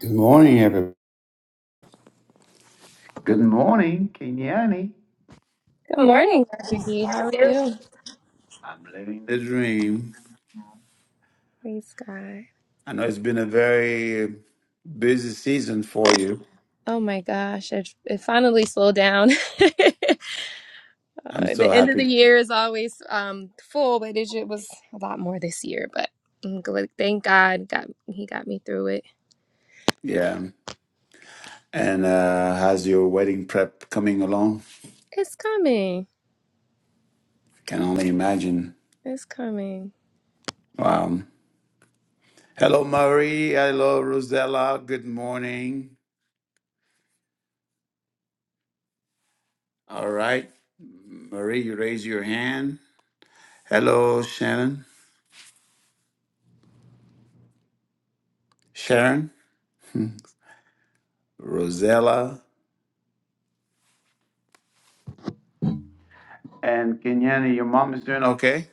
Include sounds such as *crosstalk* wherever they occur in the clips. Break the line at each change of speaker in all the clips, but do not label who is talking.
Good morning, everyone. Good morning, Kenyani.
Good
Good morning.
morning, Dr. D.
How
How
are
are
you?
you?
I'm living the dream.
Praise God.
I know it's been a very busy season for you.
Oh my gosh, it, it finally slowed down. *laughs*
I'm
Uh,
so
the end of the
happy.
year is always um, full, but it, ju- was a lot more this year. But I'm glad, thank God, got He got me through it.
Yeah. And uh, how's your wedding prep coming along?
It's coming.
Can only imagine.
It's coming.
Wow. Hello, Marie. Hello, Rosella. Good morning. All right. Marie, you raise your hand. Hello, Shannon. Sharon. Hmm. Rosella. And Kenyani, your mom is doing okay?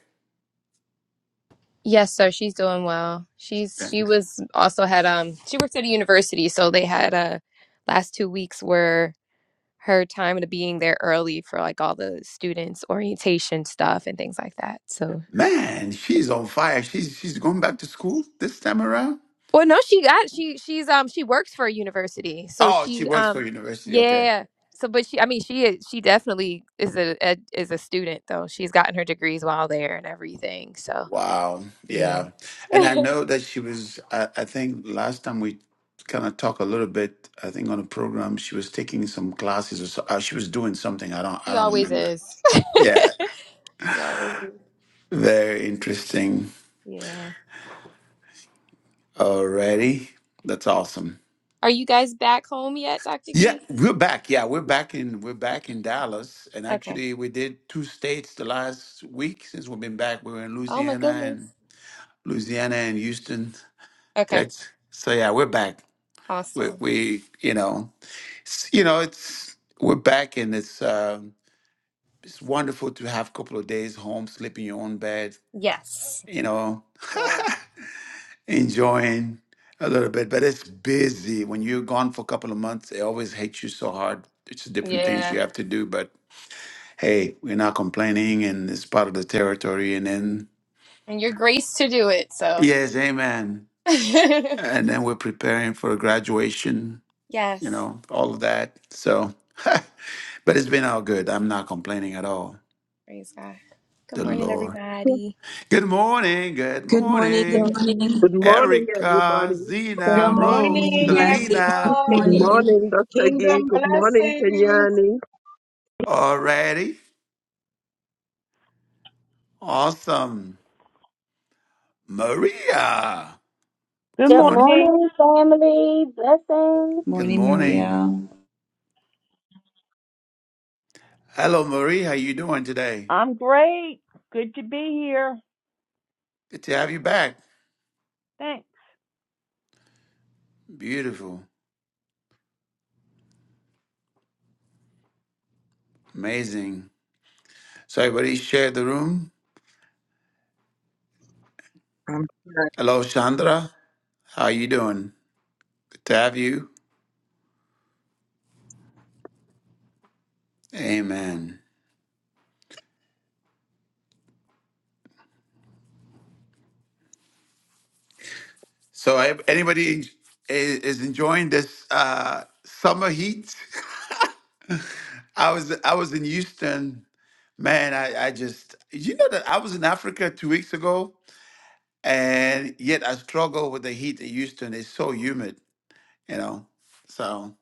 Yes, sir. She's doing well. She's
Okay.
she was also had um she worked at a university, so they had uh last two weeks were her time to being there early for like all the students orientation stuff and things like that. So
Man, she's on fire. She's she's going back to school this time around.
well no she got she she's um she works for a university. So
Oh, she
she
works for
um
university. Okay.
yeah. So but she I mean she is she definitely is a, a is a student though. She's gotten her degrees while there and everything. So
Wow.
yeah.
Yeah. And I
*laughs*
know that she was. I, I think last time we kind of talked a little bit. I think on a program she was taking some classes or so, uh, she was doing something. I don't.
she
I don't
always
remember.
is. *laughs*
Yeah.
she always is.
Very interesting.
Yeah.
Already. That's awesome.
Are you guys back home yet, Dr.
Yeah,
Gee?
we're back. Yeah, we're back in we're back in Dallas, and
Okay.
actually, we did two states the last week since we've been back. We were in
Oh my
Louisiana
goodness.
and Louisiana and Houston,
Okay.
Texas. So yeah, we're back. We,
Awesome.
we you know, it's, you know, it's we're back, and it's um it's wonderful to have a couple of days home, sleep in your own bed,
Yes.
you know,
Sure.
*laughs* enjoying a little bit. But it's busy when you're gone for a couple of months. It always hits you so hard. It's different things
Yeah.
you have to do, but hey, we're not complaining and it's part of the territory. And then,
And your grace to do it. So,
yes, amen.
*laughs*
And then we're preparing for graduation, you
yes.
know, all of that. So, *laughs* but it's been all good. I'm not complaining at all.
Praise God. Good
The
morning,
Lord.
Great
everybody.
Good morning. Good
Good morning. Good
morning.
morning.
Good morning,
Erica,
everybody.
Zena,
Good
Rose,
morning,
Blessings. Good
Selena.
Good
everyone.
morning.
morning, Dr. Gee.
Kingdom
Good morning,
blessings.
Kenyani.
Already. Awesome. Maria.
Good
What's
Good
going on?
morning.
morning, family. Blessings.
Good
Morning,
morning.
Maria.
Hello, Marie. How you doing today?
I'm great. Good to be here.
Good to have you back.
Thanks.
Beautiful. Amazing. So everybody share the room.
I'm sorry.
Hello, Chandra. How you doing? Good to have you. Amen. So I- anybody i- is enjoying this uh, summer heat? *laughs* I was I was in Houston. Man, I, I just you know that I was in Africa two weeks ago and yet I struggle with the heat in Houston. It's so humid, you know. So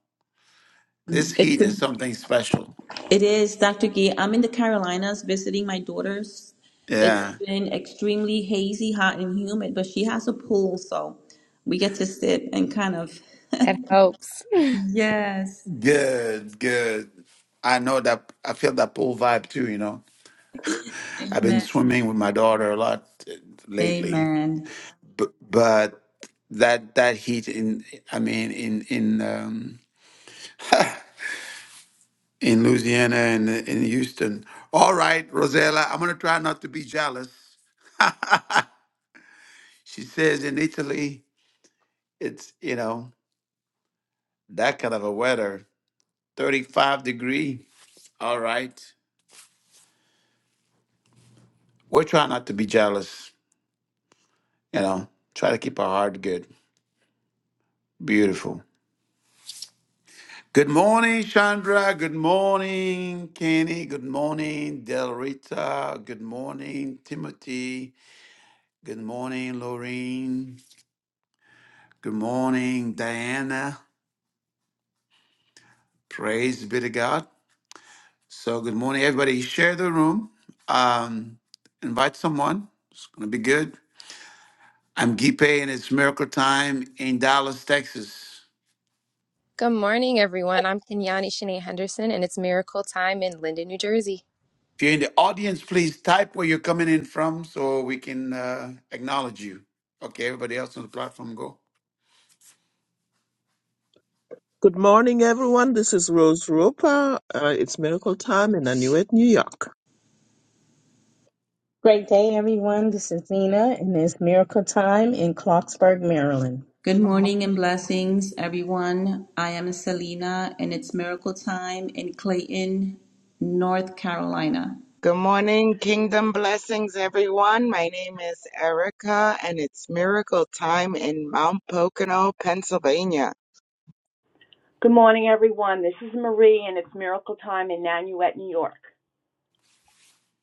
this
It's
heat is something special.
it is Dr. Gee. I'm in the Carolinas visiting my daughters. It's
Yeah.
been extremely hazy, hot, and humid, but she has a pool, so we get to sit and kind of.
That helps.
Yes.
Good, good. I know that I feel that pool vibe too, you know. I've been
Amen.
swimming with my daughter a lot uh, lately,
Amen.
but but that that heat in I mean in in um in Louisiana and in Houston. All right, Rosella, I'm gonna try not to be jealous. She says in Italy it's you know that kind of a weather, 35 degree. All right. We're trying not to be jealous, you know. Try to keep our heart good. Beautiful. Good morning, Chandra. Good morning, Kenny. Good morning, Del Rita. Good morning, Timothy. Good morning, Lorraine. Good morning, Diana. Praise be to God. So, good morning, everybody. Share the room. Um, invite someone. It's going to be good. I'm Gipe, and it's Miracle Time in Dallas, Texas.
Good morning, everyone. I'm Kenyani Shanae Henderson, and it's Miracle Time in Linden, New Jersey.
If you're in the audience, please type where you're coming in from so we can uh, acknowledge you. Okay, everybody else on the platform, go.
Good morning, everyone. This is Rose Roper. Uh, it's miracle time in Anuit, New York.
day, everyone. This is Nina, and it's Miracle Time in Clarksburg, Maryland.
Good morning and blessings, everyone. I am Selena, and it's miracle time in Clayton, North Carolina.
Good morning, kingdom blessings, everyone. My name is Erica, and it's miracle time in Mount Pocono, Pennsylvania.
Good morning, everyone. This is Marie, and it's Miracle Time in Nanuet, New York.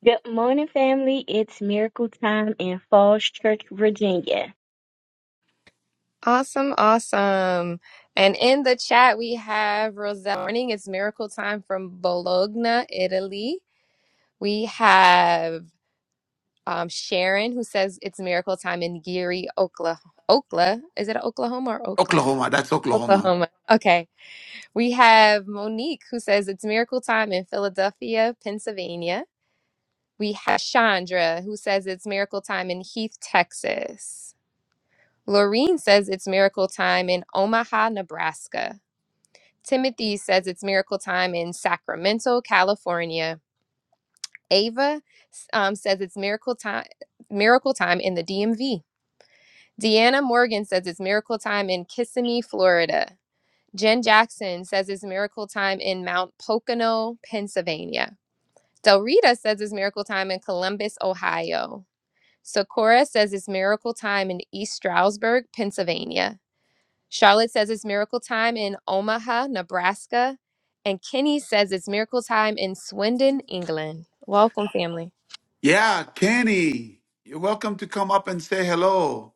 Good morning, family. It's miracle time in Falls Church, Virginia.
Awesome, awesome. And in the chat, we have Roselle. Morning, it's Miracle Time from Bologna, Italy. We have um, Sharon, who says it's Miracle Time in Geary, Oklahoma. Okla. Is it Oklahoma or Okla?
Oklahoma. That's Oklahoma.
Oklahoma. Okay. We have Monique who says it's miracle time in Philadelphia, Pennsylvania. We have Chandra who says it's miracle time in Heath, Texas. Laureen says it's miracle time in Omaha, Nebraska. Timothy says it's miracle time in Sacramento, California. Ava um, says it's miracle time miracle time in the DMV. Deanna Morgan says it's miracle time in Kissimmee, Florida. Jen Jackson says it's miracle time in Mount Pocono, Pennsylvania. Del Rita says it's miracle time in Columbus, Ohio. Socorro says it's miracle time in East Stroudsburg, Pennsylvania. Charlotte says it's miracle time in Omaha, Nebraska. And Kenny says it's miracle time in Swindon, England. Welcome, family.
Yeah, Kenny, you're welcome to come up and say hello.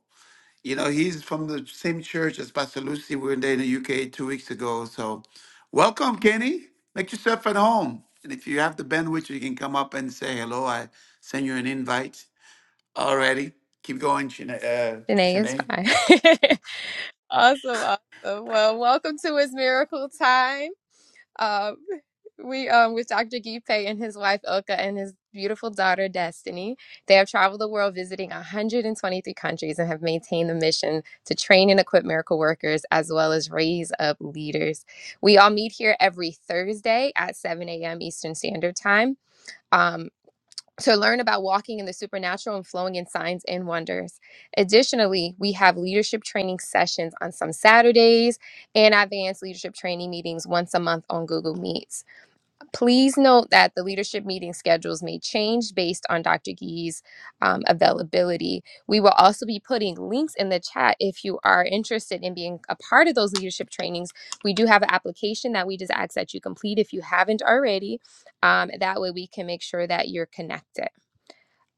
You know, he's from the same church as Pastor Lucy. We were there in the UK two weeks ago. So, welcome, Kenny. Make yourself at home. And if you have the bandwidth, you can come up and say hello. I send you an invite already. Keep going, Shanae. Uh,
Danae is
Shanae.
fine. *laughs* awesome, awesome. Well, welcome to It's Miracle Time. Um, we um with Dr. Gipe and his wife Ilka and his beautiful daughter Destiny. They have traveled the world visiting 123 countries and have maintained the mission to train and equip miracle workers as well as raise up leaders. We all meet here every Thursday at 7 a.m. Eastern Standard Time. Um, to learn about walking in the supernatural and flowing in signs and wonders. Additionally, we have leadership training sessions on some Saturdays and advanced leadership training meetings once a month on Google Meets. Please note that the leadership meeting schedules may change based on Dr. Gee's um, availability. We will also be putting links in the chat if you are interested in being a part of those leadership trainings. We do have an application that we just ask that you complete if you haven't already. Um, that way, we can make sure that you're connected.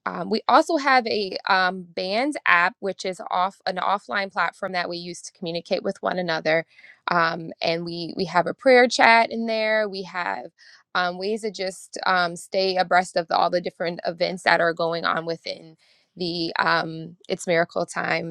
Um, we also have a um, bands app, which is off an offline platform that we use to communicate with one another. Um, and we we have a prayer chat in there. We have um, ways to just um, stay abreast of all the different events that are going on within the um, It's Miracle Time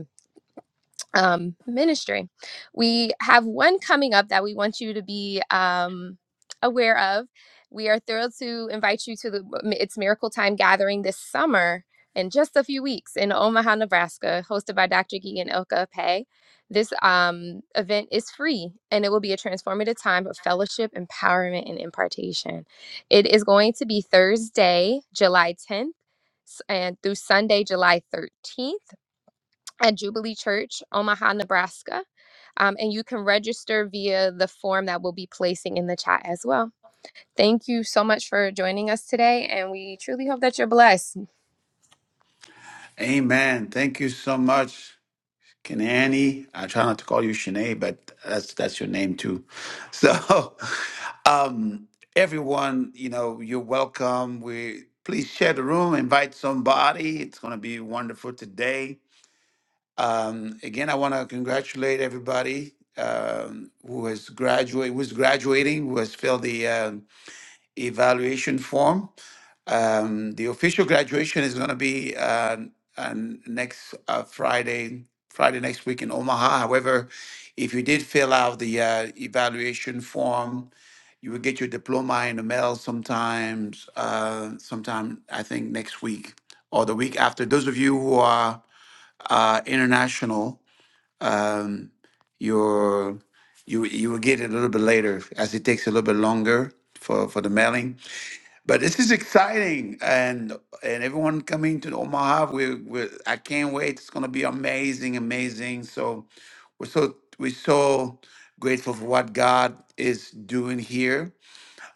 um, ministry. We have one coming up that we want you to be um, aware of. We are thrilled to invite you to the um, It's Miracle Time gathering this summer in just a few weeks in Omaha, Nebraska, hosted by Dr. Geegan Ilka Pei. This um, event is free and it will be a transformative time of fellowship, empowerment, and impartation. It is going to be Thursday, July 10th s- and through Sunday, July 13th at Jubilee Church, Omaha, Nebraska. Um, and you can register via the form that we'll be placing in the chat as well. Thank you so much for joining us today, and we truly hope that you're blessed.
Amen. Thank you so much. Kanani. I try not to call you Shanae, but that's that's your name too. So, *laughs* um, everyone, you know, you're welcome. We please share the room, invite somebody. It's going to be wonderful today. Um, again, I want to congratulate everybody um, who has graduated, who's graduating, who has filled the uh, evaluation form. Um, the official graduation is going to be uh, on next uh, Friday, Friday next week in Omaha. However, if you did fill out the uh, evaluation form, you will get your diploma in the mail sometimes, uh, sometime I think next week or the week after. Those of you who are uh, international, um, your you you will get it a little bit later as it takes a little bit longer for for the mailing but this is exciting, and and everyone coming to Omaha, we we I can't wait. It's gonna be amazing, amazing. So we're so we're so grateful for what God is doing here.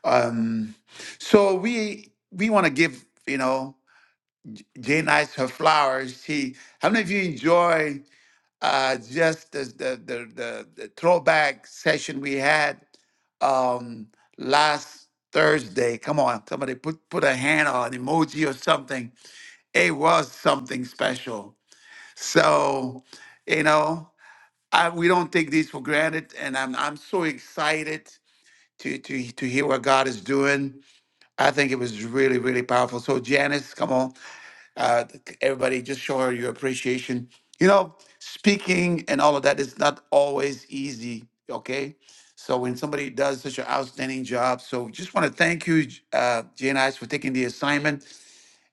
Um, so we we want to give you know Jane Ice her flowers. She, how many of you enjoy? uh, just as the, the, the, the throwback session we had um, last Thursday. Come on, somebody put, put a hand on an emoji or something. It was something special. So, you know, I, we don't take these for granted. And I'm, I'm so excited to, to, to hear what God is doing. I think it was really, really powerful. So, Janice, come on uh, everybody just show her your appreciation you know speaking and all of that is not always easy okay so when somebody does such an outstanding job so just want to thank you uh, jnis for taking the assignment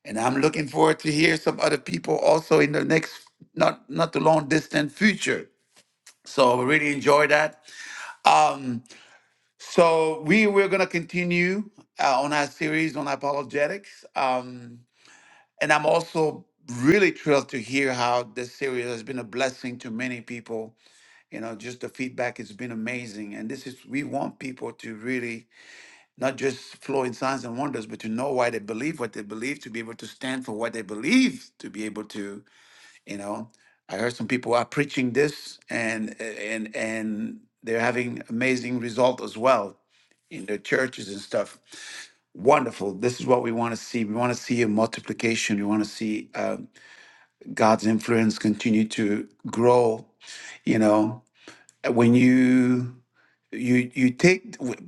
and i'm looking forward to hear some other people also in the next not not too long distant future so we really enjoy that um so we we're gonna continue uh, on our series on apologetics um and I'm also really thrilled to hear how this series has been a blessing to many people. You know, just the feedback has been amazing. And this is, we want people to really not just flow in signs and wonders, but to know why they believe what they believe, to be able to stand for what they believe, to be able to you know i heard some people are preaching this and and and they're having amazing result as well in their churches and stuff wonderful this is what we want to see we want to see a multiplication we want to see uh, god's influence continue to grow you know when you you you take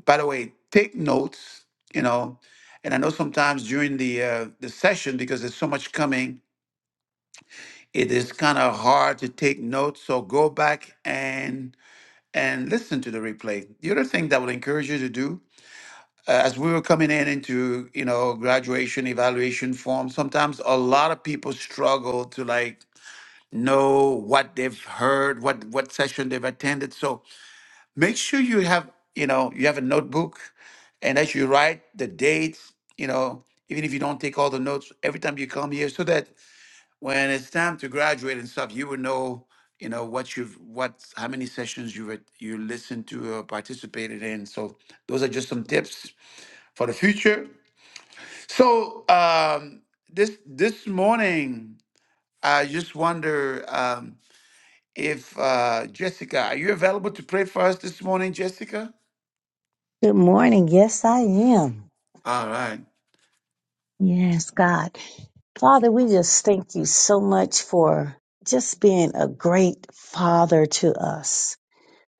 by the way take notes you know and i know sometimes during the uh, the session because there's so much coming it is kind of hard to take notes so go back and and listen to the replay the other thing that would encourage you to do uh, as we were coming in into you know graduation evaluation form sometimes a lot of people struggle to like know what they've heard what what session they've attended so make sure you have you know you have a notebook and as you write the dates you know even if you don't take all the notes every time you come here so that when it's time to graduate and stuff, you will know, you know, what you've, what, how many sessions you've at- you listened to or participated in. So those are just some tips for the future. So um, this this morning, I just wonder um, if uh, Jessica, are you available to pray for us this morning, Jessica?
Good morning. Yes, I am.
All right,
Yes, God. Father, we just thank you so much for just being a great father to us.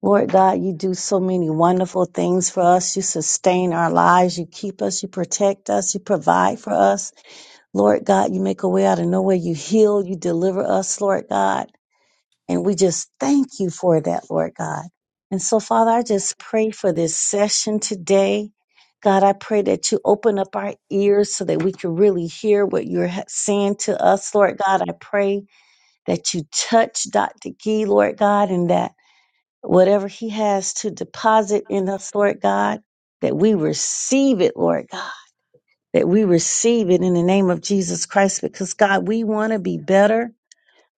Lord God, you do so many wonderful things for us. You sustain our lives. You keep us. You protect us. You provide for us. Lord God, you make a way out of nowhere. You heal. You deliver us, Lord God. And we just thank you for that, Lord God. And so, Father, I just pray for this session today. God, I pray that you open up our ears so that we can really hear what you're ha- saying to us, Lord God. I pray that you touch Dr. Gee, Lord God, and that whatever he has to deposit in us, Lord God, that we receive it, Lord God, that we receive it in the name of Jesus Christ, because God, we want to be better.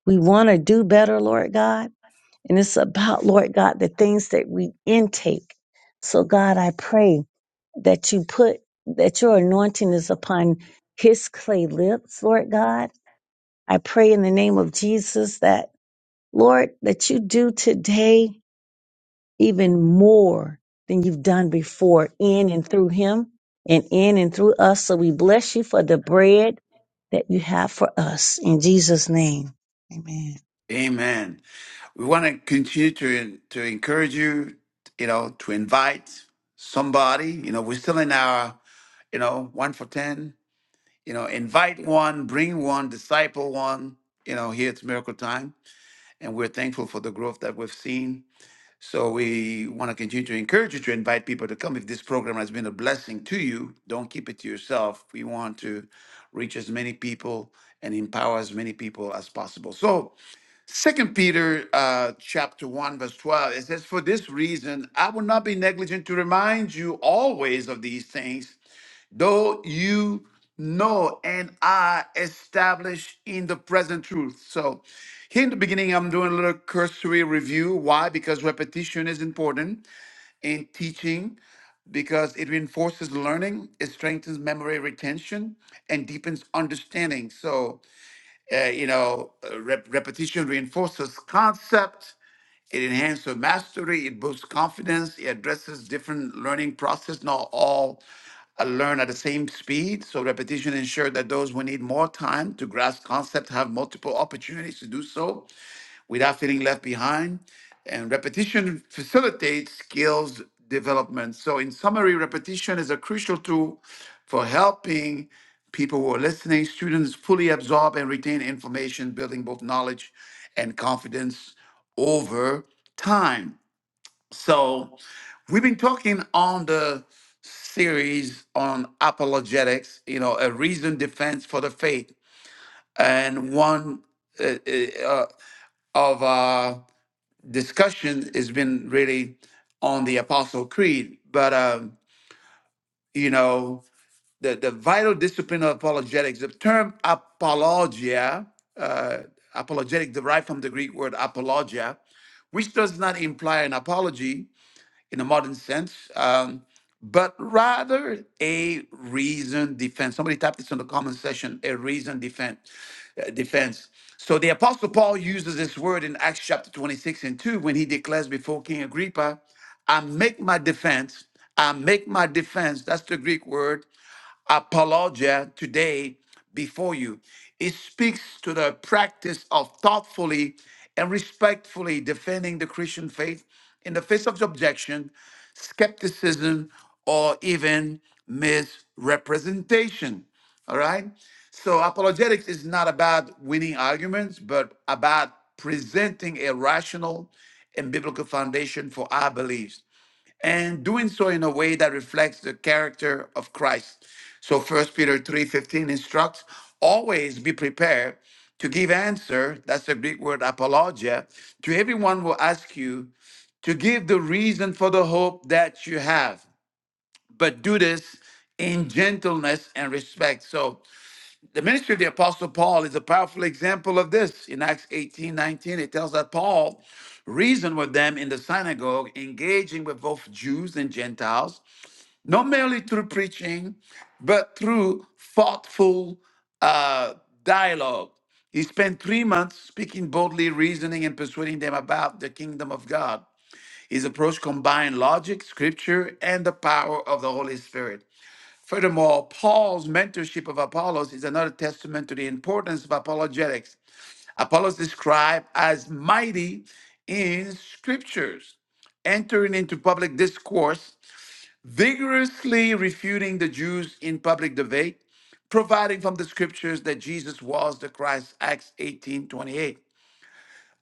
We want to do better, Lord God. And it's about, Lord God, the things that we intake. So, God, I pray that you put, that your anointing is upon his clay lips, Lord God. I pray in the name of Jesus that, Lord, that you do today even more than you've done before in and through him and in and through us. So we bless you for the bread that you have for us in Jesus' name. Amen.
Amen. We want to continue to to encourage you, you know, to invite somebody. You know, we're still in our, you know, one for ten. You know, invite one, bring one, disciple one. You know, here it's Miracle Time, and we're thankful for the growth that we've seen. So we want to continue to encourage you to invite people to come. If this program has been a blessing to you, don't keep it to yourself. We want to reach as many people and empower as many people as possible. So Second Peter uh, chapter 1 verse 12 it says for this reason I will not be negligent to remind you always of these things though you know and are established in the present truth so here in the beginning I'm doing a little cursory review why because repetition is important in teaching because it reinforces learning it strengthens memory retention and deepens understanding so uh, you know, uh, rep- repetition reinforces concept. It enhances mastery. It boosts confidence. It addresses different learning process. Not all uh, learn at the same speed. So repetition ensures that those who need more time to grasp concept have multiple opportunities to do so without feeling left behind. And repetition facilitates skills development. So, in summary, repetition is a crucial tool for helping people who are listening, students fully absorb and retain information, building both knowledge and confidence over time. So, we've been talking on the series on apologetics, you know, a reasoned defense for the faith. And one uh, uh, uh, of uh, discussion has been really on the Apostle Creed, but um, you know the the vital discipline of apologetics. The term apologia, uh, apologetic, derived from the Greek word apologia, which does not imply an apology, in a modern sense, um, but rather a reasoned defense. Somebody typed this in the comment section a reasoned defense. uh, defense. So the Apostle Paul uses this word in Acts chapter 26 and 2 when he declares before King Agrippa, I make my defense. I make my defense. That's the Greek word apologia today before you. It speaks to the practice of thoughtfully and respectfully defending the Christian faith in the face of objection, skepticism, or even misrepresentation. All right? So, apologetics is not about winning arguments, but about presenting a rational and biblical foundation for our beliefs and doing so in a way that reflects the character of Christ. So First Peter 3:15 instructs always be prepared to give answer, that's the Greek word apologia, to everyone who asks you to give the reason for the hope that you have, but do this in gentleness and respect. So the ministry of the Apostle Paul is a powerful example of this. In Acts 18 19, it tells that Paul reasoned with them in the synagogue, engaging with both Jews and Gentiles, not merely through preaching, but through thoughtful uh, dialogue. He spent three months speaking boldly, reasoning, and persuading them about the kingdom of God. His approach combined logic, scripture, and the power of the Holy Spirit. Furthermore, Paul's mentorship of Apollos is another testament to the importance of apologetics. Apollos is described as mighty in scriptures, entering into public discourse, vigorously refuting the Jews in public debate, providing from the scriptures that Jesus was the Christ, Acts 18:28).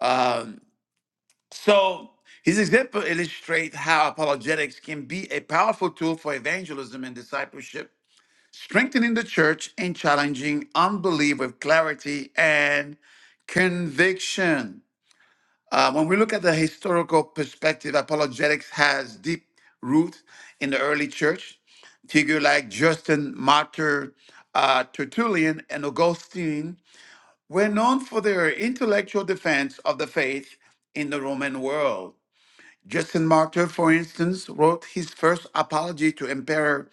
Um, so his example illustrates how apologetics can be a powerful tool for evangelism and discipleship strengthening the church and challenging unbelief with clarity and conviction. Uh, when we look at the historical perspective, apologetics has deep roots in the early church. Figures like Justin Martyr, uh, Tertullian, and Augustine were known for their intellectual defense of the faith in the Roman world. Justin Martyr, for instance, wrote his first apology to Emperor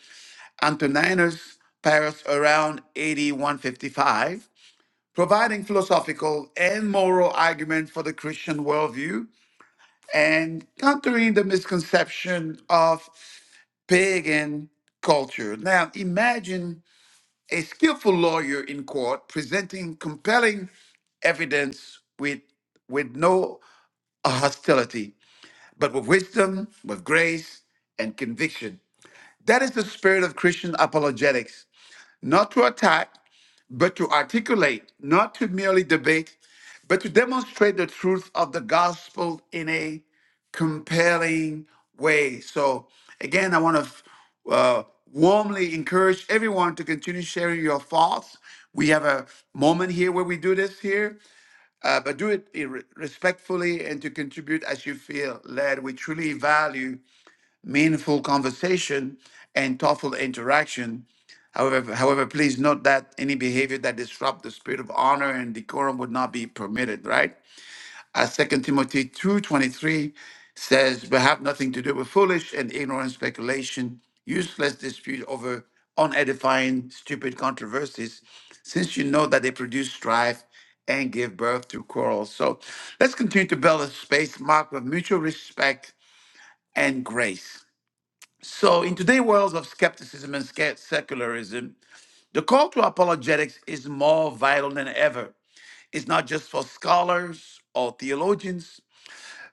Antoninus Paris around AD 155, providing philosophical and moral argument for the Christian worldview and countering the misconception of pagan culture. Now, imagine a skillful lawyer in court presenting compelling evidence with, with no hostility, but with wisdom, with grace, and conviction. That is the spirit of Christian apologetics, not to attack, but to articulate, not to merely debate, but to demonstrate the truth of the gospel in a compelling way. So, again, I want to uh, warmly encourage everyone to continue sharing your thoughts. We have a moment here where we do this here, uh, but do it i- respectfully and to contribute as you feel led. We truly value meaningful conversation, and thoughtful interaction. However, however, please note that any behavior that disrupts the spirit of honor and decorum would not be permitted, right? As 2 Timothy 2.23 says, but have nothing to do with foolish and ignorant speculation, useless dispute over unedifying, stupid controversies, since you know that they produce strife and give birth to quarrels. So let's continue to build a space marked with mutual respect and grace. So, in today's world of skepticism and sca- secularism, the call to apologetics is more vital than ever. It's not just for scholars or theologians,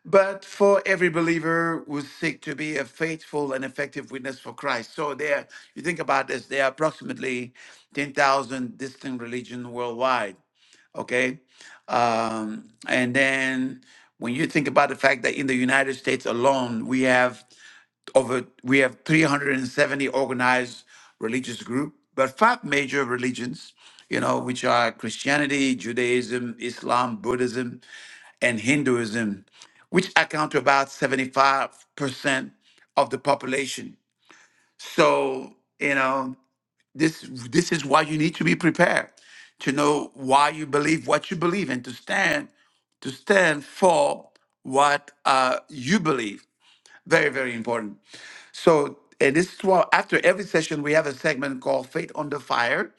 but for every believer who seek to be a faithful and effective witness for Christ. So, there, you think about this, there are approximately 10,000 distinct religions worldwide, okay? Um, and then when you think about the fact that in the United States alone, we have over we have 370 organized religious group but five major religions you know which are christianity judaism islam buddhism and hinduism which account to about 75% of the population so you know this this is why you need to be prepared to know why you believe what you believe and to stand to stand for what uh, you believe very very important so, and this is why after every session, we have a segment called Faith Under Fire.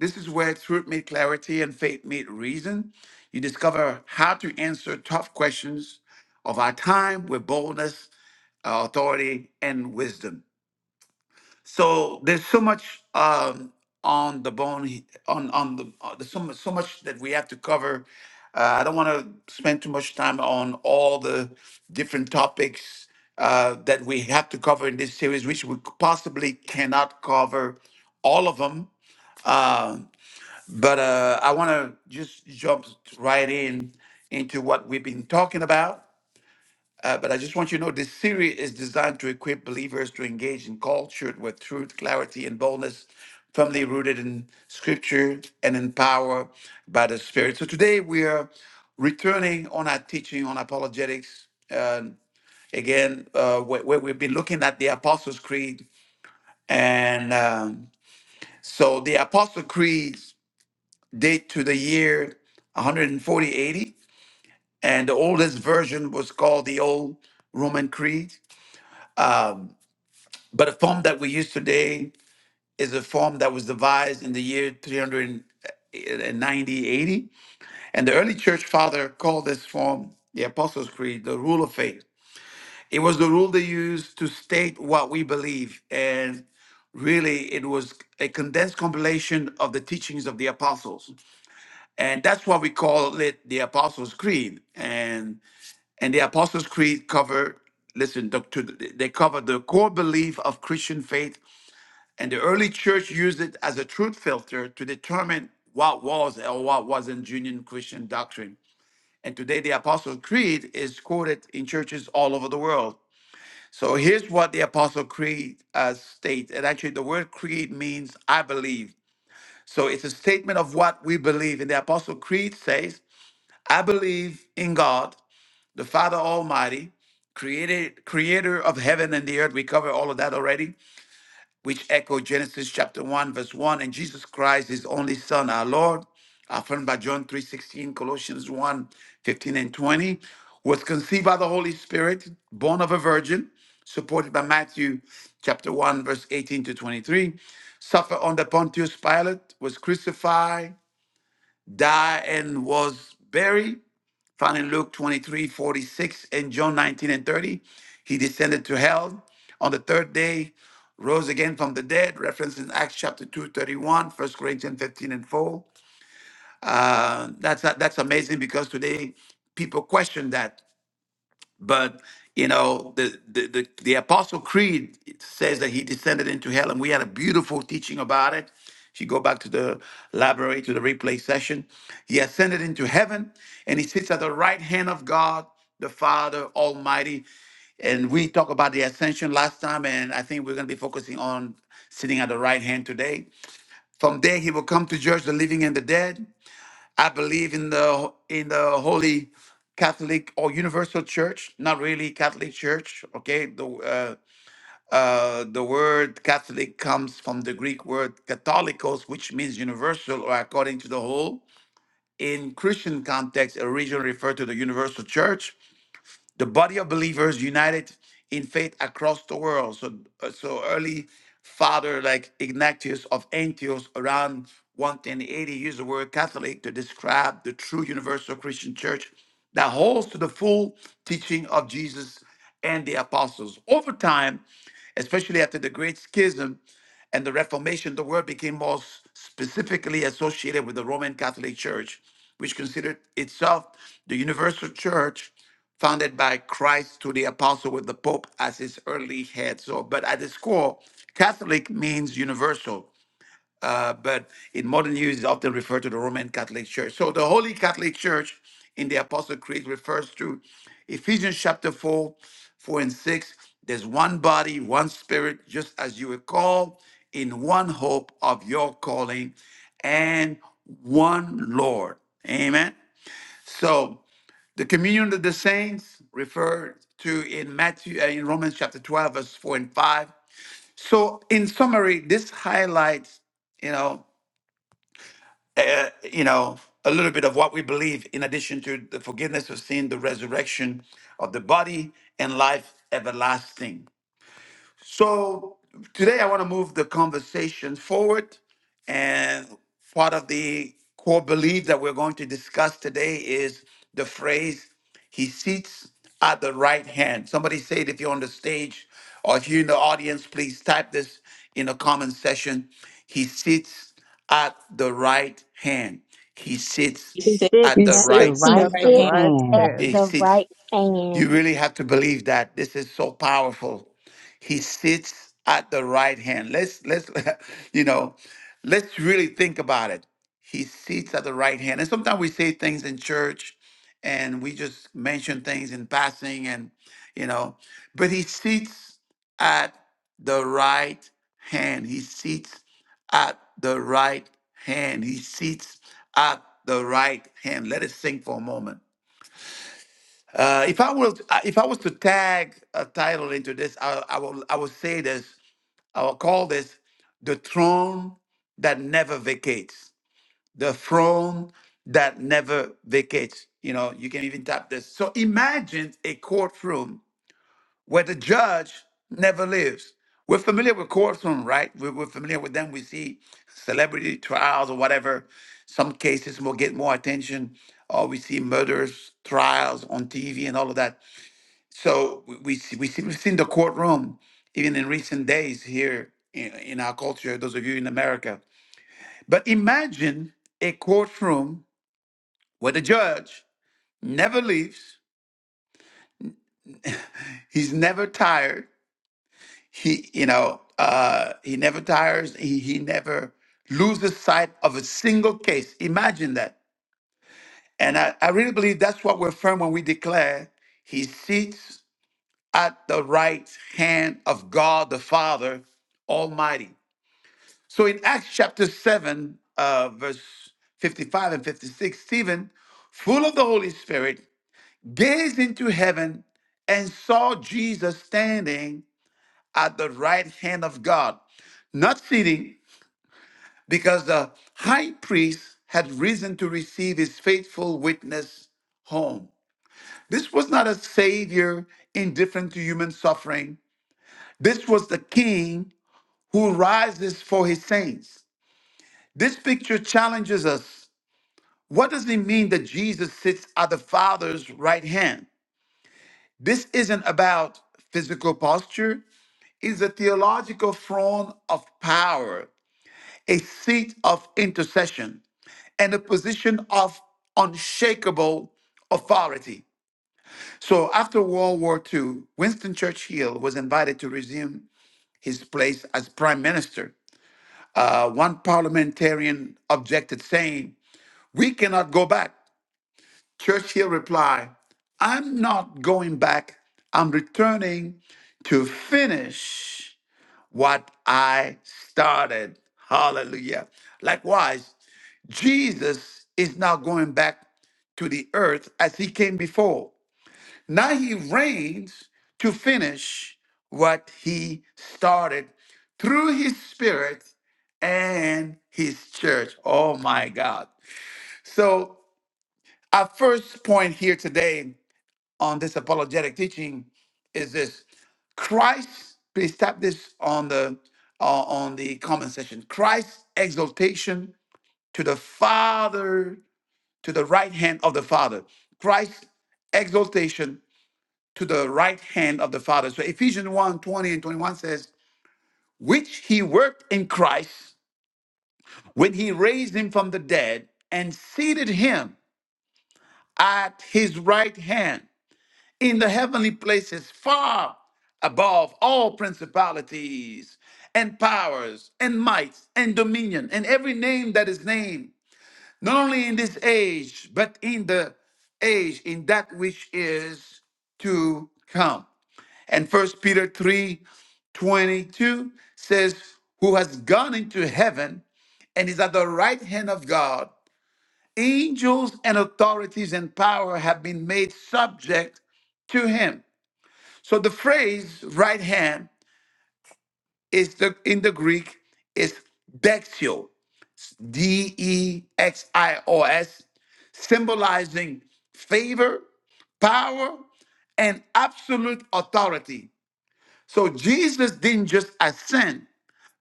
This is where truth meets clarity and faith meet reason. You discover how to answer tough questions of our time with boldness, uh, authority, and wisdom. So there's so much um, on the bone he- on on the uh, there's so much, so much that we have to cover. Uh, I don't want to spend too much time on all the different topics uh, that we have to cover in this series, which we possibly cannot cover all of them. Um, but uh, I want to just jump right in into what we've been talking about. Uh, but I just want you to know this series is designed to equip believers to engage in culture with truth, clarity, and boldness, firmly rooted in scripture and in power by the Spirit. So today we are returning on our teaching on apologetics. Uh, again, uh, where, where we've been looking at the Apostles' Creed. And um, so the Apostles' Creed date to the year 140 80, and the oldest version was called the Old Roman Creed. Um, But a form that we use today is a form that was devised in the year 390 80. And the early church father called this form the Apostles' Creed, the rule of faith. It was the rule they used to state what we believe. And really, it was a condensed compilation of the teachings of the apostles. And that's why we call it the Apostles' Creed. And and the Apostles' Creed covered listen, the, to, the- they cover the core belief of Christian faith and the early church used it as a truth filter to determine what was or what wasn't genuine Christian doctrine. And today, the Apostle Creed is quoted in churches all over the world. So here's what the Apostle Creed uh, states. And actually, the word creed means I believe. So it's a statement of what we believe. And the Apostle Creed says, I believe in God, the Father Almighty, created, creator of heaven and the earth. We covered all of that already which echo Genesis chapter 1, verse 1, and Jesus Christ, his only Son, our Lord, affirmed by John 3.16, Colossians one 15 and 20, was conceived by the Holy Spirit, born of a virgin, supported by Matthew chapter 1, verse 18 to 23, suffered under Pontius Pilate, was crucified, died, and was buried, Found in Luke 23:46 and John 19 and 30. He descended to hell on the third day, rose again from the dead, referenced in Acts chapter 2, 1 Corinthians 15 and 4. Uh, that's, not, that's amazing because today people question that. But you know, the the the, the Apostle Creed says that he descended into hell, and we had a beautiful teaching about it. If you go back to the library to the replay session, he ascended into heaven, and he sits at the right hand of God. The Father Almighty, and we talked about the ascension last time, and I think we're going to be focusing on sitting at the right hand today. From there, he will come to judge the living and the dead. I believe in the in the Holy Catholic or Universal Church, not really Catholic Church. Okay, the uh, uh, the word Catholic comes from the Greek word "katholikos," which means universal or according to the whole. In Christian context, it originally referred to the Universal Church, the body of believers united in faith across the world. So, uh, so early father like Ignatius of Antioch around 180 used the word Catholic to describe the true universal Christian church that holds to the full teaching of Jesus and the apostles. Over time, especially after the Great Schism, and the Reformation, the word became more s- specifically associated with the Roman Catholic Church, which considered itself the universal church founded by Christ to the apostle with the Pope as his early head. So, but at its core, Catholic means universal uh, but in modern use, it's often referred to the Roman Catholic Church. So the Holy Catholic Church in the Apostle Creed refers to Ephesians chapter 4, 4 and 6. There's one body, one spirit, just as you were called in one hope of your calling and one Lord. Amen. So the communion of the saints referred to in Matthew uh, in Romans chapter 12 verse 4 and 5. So in summary, this highlights, you know, uh, you know, a little bit of what we believe in addition to the forgiveness of sin, the resurrection of the body, and life everlasting. So today I want to move the conversation forward. And part of the core belief that we're going to discuss today is the phrase, He sits at the right hand. Somebody say it if you're on the stage or if you're in the audience, please type this in the comment section. He sits at the right hand. He sits
You
He
sit
sits
at
He
the
at the
right.
sits
at
He
the
right
at
right
the
hand.
sits
right
hand
at
He
hand.
the
sits
right
you
hand.
really have to believe that this is so powerful. He sits at the right hand. Let's let's *laughs* you know, let's really think about it. He sits at the right hand. And sometimes we say things in church and we just mention things in passing and you know, but he sits at the right hand. He sits at the right hand. He sits at the right hand. Let it sink for a moment uh, if I was uh, if I was to tag a title into this, I, I will I would say this. I will call this the throne that never vacates. The throne that never vacates. You know, you can even tap this. So imagine a courtroom where the judge never lives. We're familiar with courtroom, right? We're, we're familiar with them. We see celebrity trials or whatever. Some cases will get more attention, or we see murders trials on TV and all of that. So we we see, we see we've seen the courtroom even in recent days here in, in our culture. Those of you in America, but imagine a courtroom where the judge never leaves. He's never tired. He you know uh, he never tires. He he never loses sight of a single case. Imagine that. And I, I really believe that's what we're firm when we declare he sits at the right hand of God the Father Almighty. So in Acts chapter 7, uh, verse 55 and 56, Stephen, full of the Holy Spirit, gazed into heaven and saw Jesus standing at the right hand of God, not sitting, because the high priest had risen to receive his faithful witness home. This was not a savior indifferent to human suffering. This was the king who rises for his saints. This picture challenges us What does it mean that Jesus sits at the Father's right hand? This isn't about physical posture, it's a theological throne of power, a seat of intercession, and a position of unshakable authority. So after World War II, Winston Churchill was invited to resume his place as prime minister. Uh, one parliamentarian objected, saying, We cannot go back. Churchill replied, I'm not going back. I'm returning to finish what I started. Hallelujah. Likewise, Jesus is now going back to the earth as he came before. Now he reigns to finish what he started through his spirit and his church. Oh my God. So, our first point here today on this apologetic teaching is this Christ, please tap this on the uh, on the comment section. Christ's exaltation to the Father, to the right hand of the Father. Christ's exaltation to the right hand of the Father. So Ephesians one 20 and 21 says, which he worked in Christ when he raised him from the dead and seated him at his right hand in the heavenly places, far above all principalities and powers and mights and dominion and every name that is named, not only in this age, but in the age, in that which is to come. And First Peter 3, 22 says, Who has gone into heaven and is at the right hand of God. Angels and authorities and power have been made subject to him. So the phrase right hand is the in the Greek is dexio, D E X I O S, symbolizing favor, power, and absolute authority. So Jesus didn't just ascend,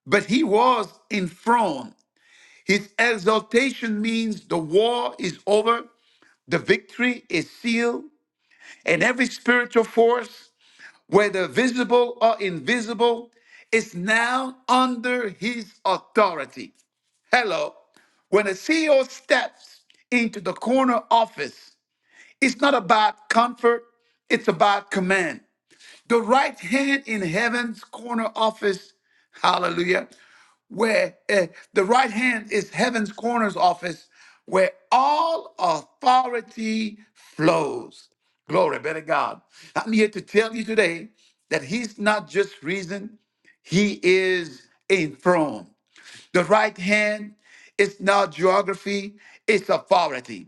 but he was enthroned. His exaltation means the war is over, the victory is sealed, and every spiritual force whether visible or invisible, is now under his authority. Hello. When a CEO steps into the corner office, it's not about comfort, it's about command. The right hand in heaven's corner office, hallelujah, where eh, the right hand is heaven's corner's office, where all authority flows. Glory be to God. I'm here to tell you today that He's not just reason, He is enthroned. The right hand is not geography, it's authority.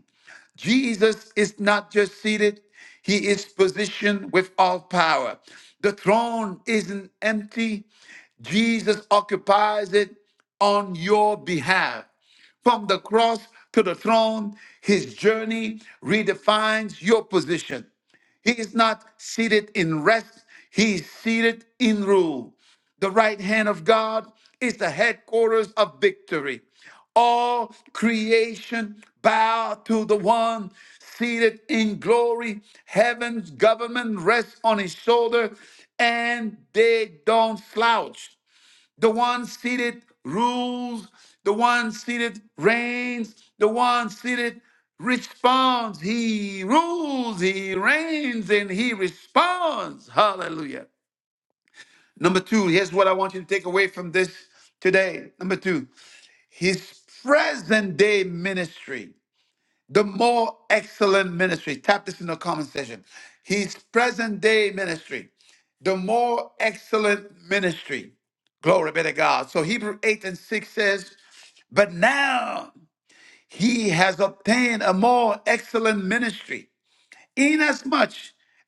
Jesus is not just seated, he is positioned with all power. The throne isn't empty, Jesus occupies it on your behalf. From the cross to the throne, his journey redefines your position. He is not seated in rest, he is seated in rule. The right hand of God is the headquarters of victory. All creation bow to the one seated in glory. Heaven's government rests on his shoulder, and they don't slouch the one seated rules, the one seated reigns, the one seated responds. He rules, he reigns, and he responds. Hallelujah. Number two, here's what I want you to take away from this today. Number two, his present day ministry the more excellent ministry. Tap this in the comment section. His present day ministry, the more excellent ministry. Glory be to God. So Hebrew 8 and 6 says, But now he has obtained a more excellent ministry inasmuch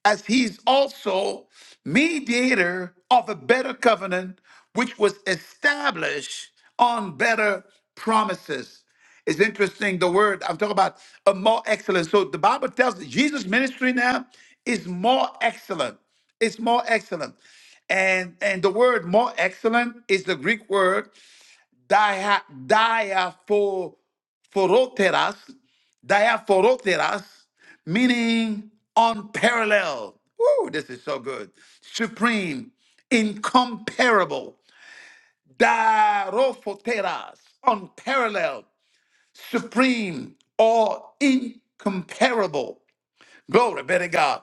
as he is also mediator of a better covenant which was established on better promises. It's interesting the word I'm talking about a more excellent. So the Bible tells us Jesus' ministry now is more excellent. It's more excellent. And and the word more excellent is the Greek word dia, diaphoroteras, diaphoroteras, meaning unparalleled. Woo, this is so good. Supreme, incomparable. Dirophoteras, unparalleled, supreme, or incomparable. Glory be to God.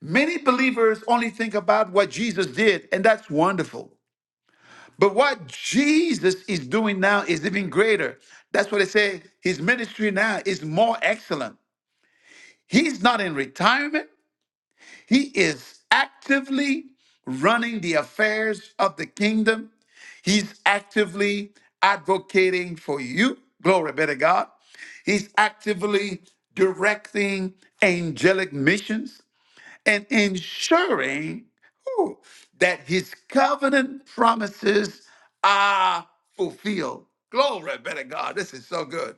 Many believers only think about what Jesus did, and that's wonderful. But what Jesus is doing now is even greater. That's what they say his ministry now is more excellent. He's not in retirement, he is actively running the affairs of the kingdom. He's actively advocating for you. Glory be to God. He's actively directing angelic missions and ensuring whew, that his covenant promises are fulfilled. Glory be to God. This is so good.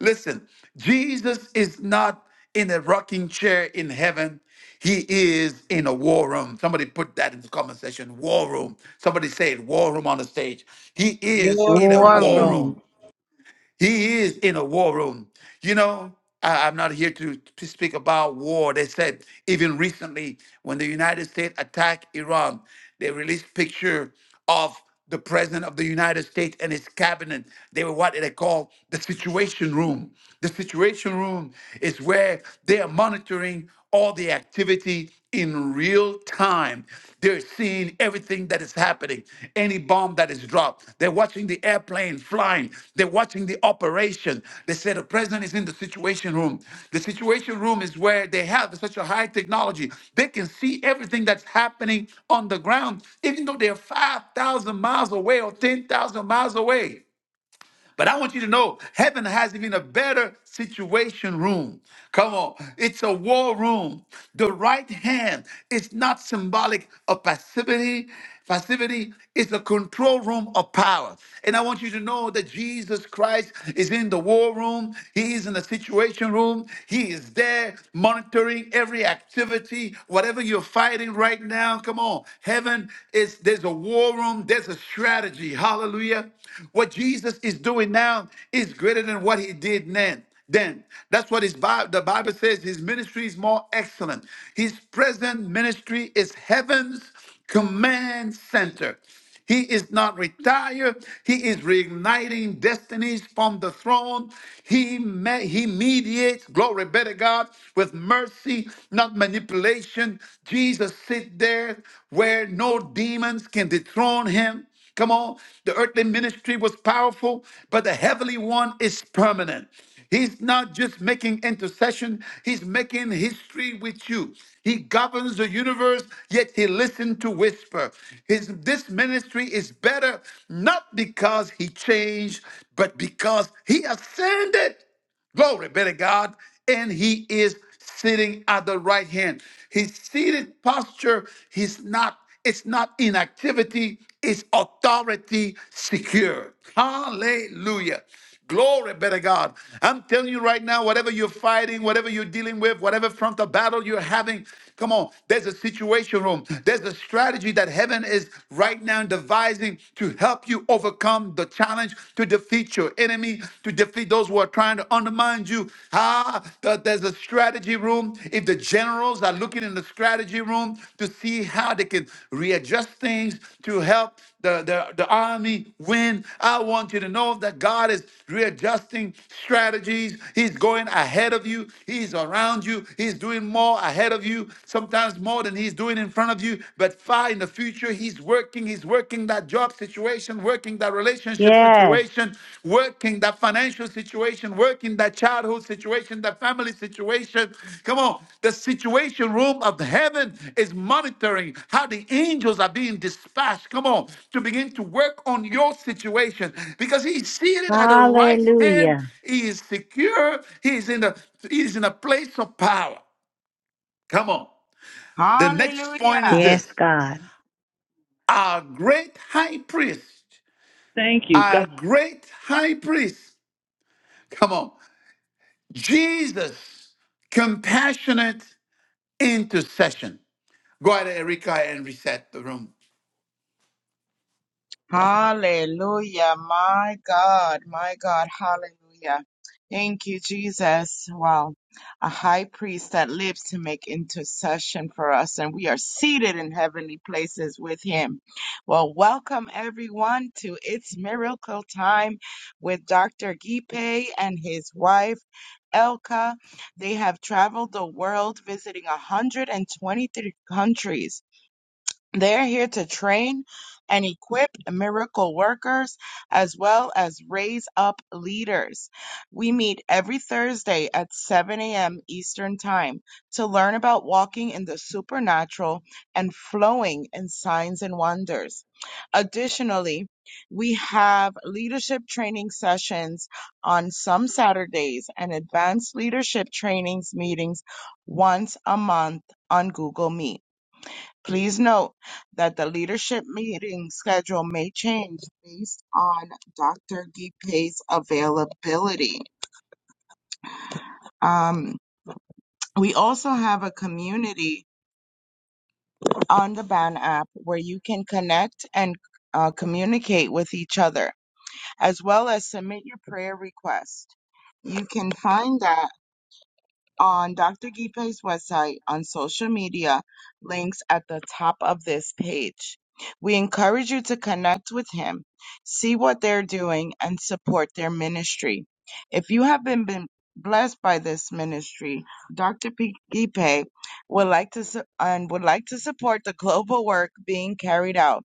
Listen, Jesus is not in a rocking chair in heaven. He is in a war room. Somebody put that in the comment section. War room. Somebody say it. War room on the stage. He is
Your
in a
War
war
room.
throne.
room.
room. He is in a war room. You know, I, I'm not here to, to speak about war. They said even recently when the United States attacked Iran, they released picture of the president of the United States and his cabinet. They were what they call the situation room. The situation room is where they are monitoring all the activity in real time. They're seeing everything that is happening, any bomb that is dropped. They're watching the airplane flying. They're watching the operation. They say the president is in the situation room. The situation room is where they have such a high technology. They can see everything that's happening on the ground, even though they're 5,000 miles away or 10,000 miles away. But I want you to know heaven has even a better situation room. Come on. It's a war room. The right hand is not symbolic of passivity. Passivity is a control room of power. And I want you to know that Jesus Christ is in the war room. He is in the situation room. He is there monitoring every activity, whatever you're fighting right now. Come on. Heaven is there's a war room, there's a strategy. Hallelujah. What Jesus is doing now is greater than what he did then. Then that's what his Bible, the Bible says his ministry is more excellent. His present ministry is heaven's command center. He is not retired. He is reigniting destinies from the throne. He, me- he mediates, glory be to God, with mercy, not manipulation. Jesus sit there where no demons can dethrone him. Come on. The earthly ministry was powerful, but the heavenly one is permanent. He's not just making intercession, he's making history with you. He governs the universe, yet he listened to whisper. His this ministry is better not because he changed, but because he ascended. Glory be to God. And he is sitting at the right hand. His seated posture, he's not, it's not inactivity, it's authority secured. Hallelujah. Glory be to God. I'm telling you right now, whatever you're fighting, whatever you're dealing with, whatever front of battle you're having, Come on, there's a situation room. There's a strategy that heaven is right now devising to help you overcome the challenge, to defeat your enemy, to defeat those who are trying to undermine you. Ah, th- there's a strategy room. If the generals are looking in the strategy room to see how they can readjust things to help the, the, the army win. I want you to know that God is readjusting strategies. He's going ahead of you, He's around you, He's doing more ahead of you, sometimes more than He's doing in front of you. But far in the future, He's working, He's working that job situation, working that relationship
Yes.
situation, working that financial situation, work in that childhood situation, that family situation. Come on, the situation room of heaven is monitoring how the angels are being dispatched. Come on, to begin to work on your situation because he's seated at the right hand.
Hallelujah.
He is secure. He is in a he is in a place of power. Come on. The next point
Hallelujah.
is
Yes,
this:
God.
our great high priest,
Thank you.
our
God.
great high priest. Come on. Jesus, compassionate intercession. Go ahead, Erica, and reset the room.
Hallelujah. My God, my God. Hallelujah. Thank you, Jesus. Wow. A high priest that lives to make intercession for us, and we are seated in heavenly places with him. Well, welcome everyone to It's Miracle Time with Dr. Gipe and his wife. Elka, they have traveled the world visiting 123 countries they're here to train and equip miracle workers as well as raise up leaders. We meet every Thursday at 7 a.m. Eastern Time to learn about walking in the supernatural and flowing in signs and wonders. Additionally, we have leadership training sessions on some Saturdays and advanced leadership trainings meetings once a month on Google Meet. Please note that the leadership meeting schedule may change based on Dr. Gipe's availability. Um, we also have a community on the Ban app where you can connect and uh, communicate with each other, as well as submit your prayer request. You can find that on Dr. Gipe's website, on social media, links at the top of this page. We encourage you to connect with him, see what they're doing, and support their ministry. If you have been, been blessed by this ministry, Dr. Gipe would like to su- and would like to support the global work being carried out.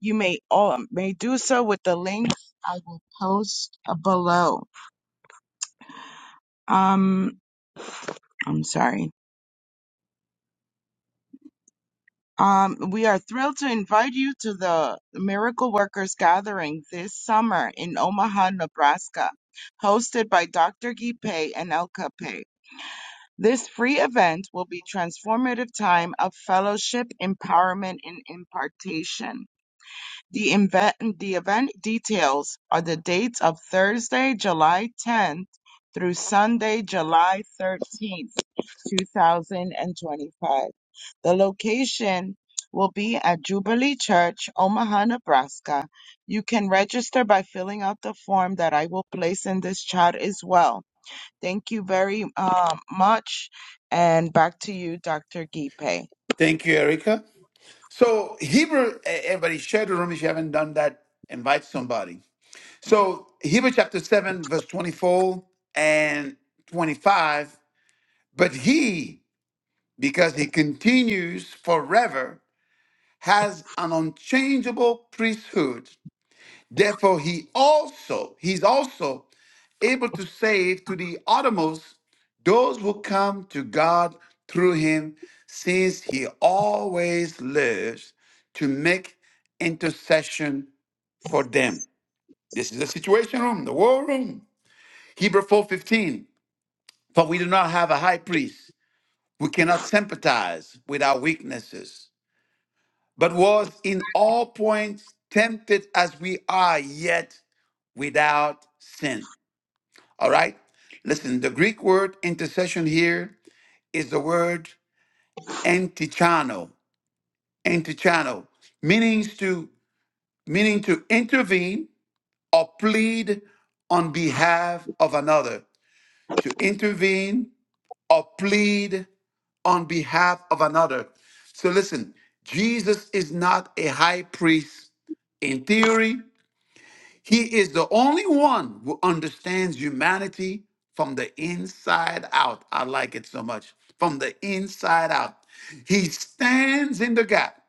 You may all may do so with the link I will post below. Um, I'm sorry. Um, we are thrilled to invite you to the Miracle Workers Gathering this summer in Omaha, Nebraska, hosted by Dr. Gipe and El Cape. This free event will be transformative time of fellowship, empowerment, and impartation. The event, the event details are the dates of Thursday, July 10th through Sunday, July 13th, 2025. The location will be at Jubilee Church, Omaha, Nebraska. You can register by filling out the form that I will place in this chat as well. Thank you very um, much. And back to you, Dr. Gipe.
Thank you, Erica. So, Hebrew, eh, everybody, share the room if you haven't done that. Invite somebody. So, Hebrew chapter 7, verse 24 and 25. But he, because he continues forever, has an unchangeable priesthood. Therefore, he also, he's also able to save to the uttermost those who come to God through him, since he always lives to make intercession for them. This is the situation room, the war room. Hebrew 4:15. For we do not have a high priest who cannot sympathize with our weaknesses, but was in all points tempted as we are, yet without sin. All right? Listen, the Greek word intercession here is the word antichano, antichano, meanings to meaning to intervene or plead on behalf of another, to intervene or plead on behalf of another. So listen, Jesus is not a high priest in theory, He is the only one who understands humanity from the inside out. I like it so much. From the inside out. He stands in the gap,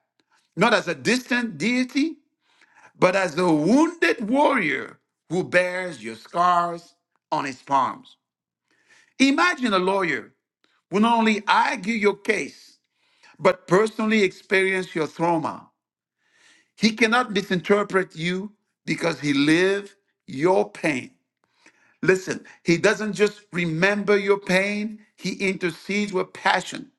not as a distant deity, but as a wounded warrior who bears your scars on his palms. Imagine a lawyer who not only argue your case, but personally experience your trauma. He cannot misinterpret you because he lived your pain. Listen, he doesn't just remember your pain, he intercedes with passion.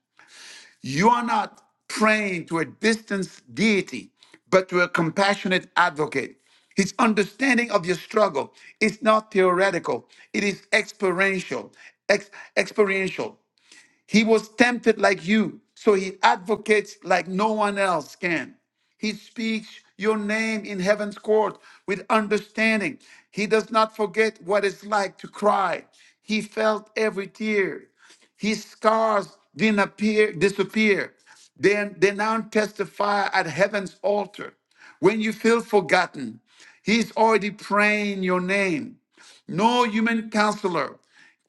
You are not praying to a distant deity, but to a compassionate advocate. His understanding of your struggle is not theoretical, it is experiential. Ex- experiential. He was tempted like you, so he advocates like no one else can. He speaks your name in heaven's court with understanding. He does not forget what it's like to cry. He felt every tear. His scars didn't appear, disappear. Then they now testify at heaven's altar. When you feel forgotten, he's already praying your name. No human counselor,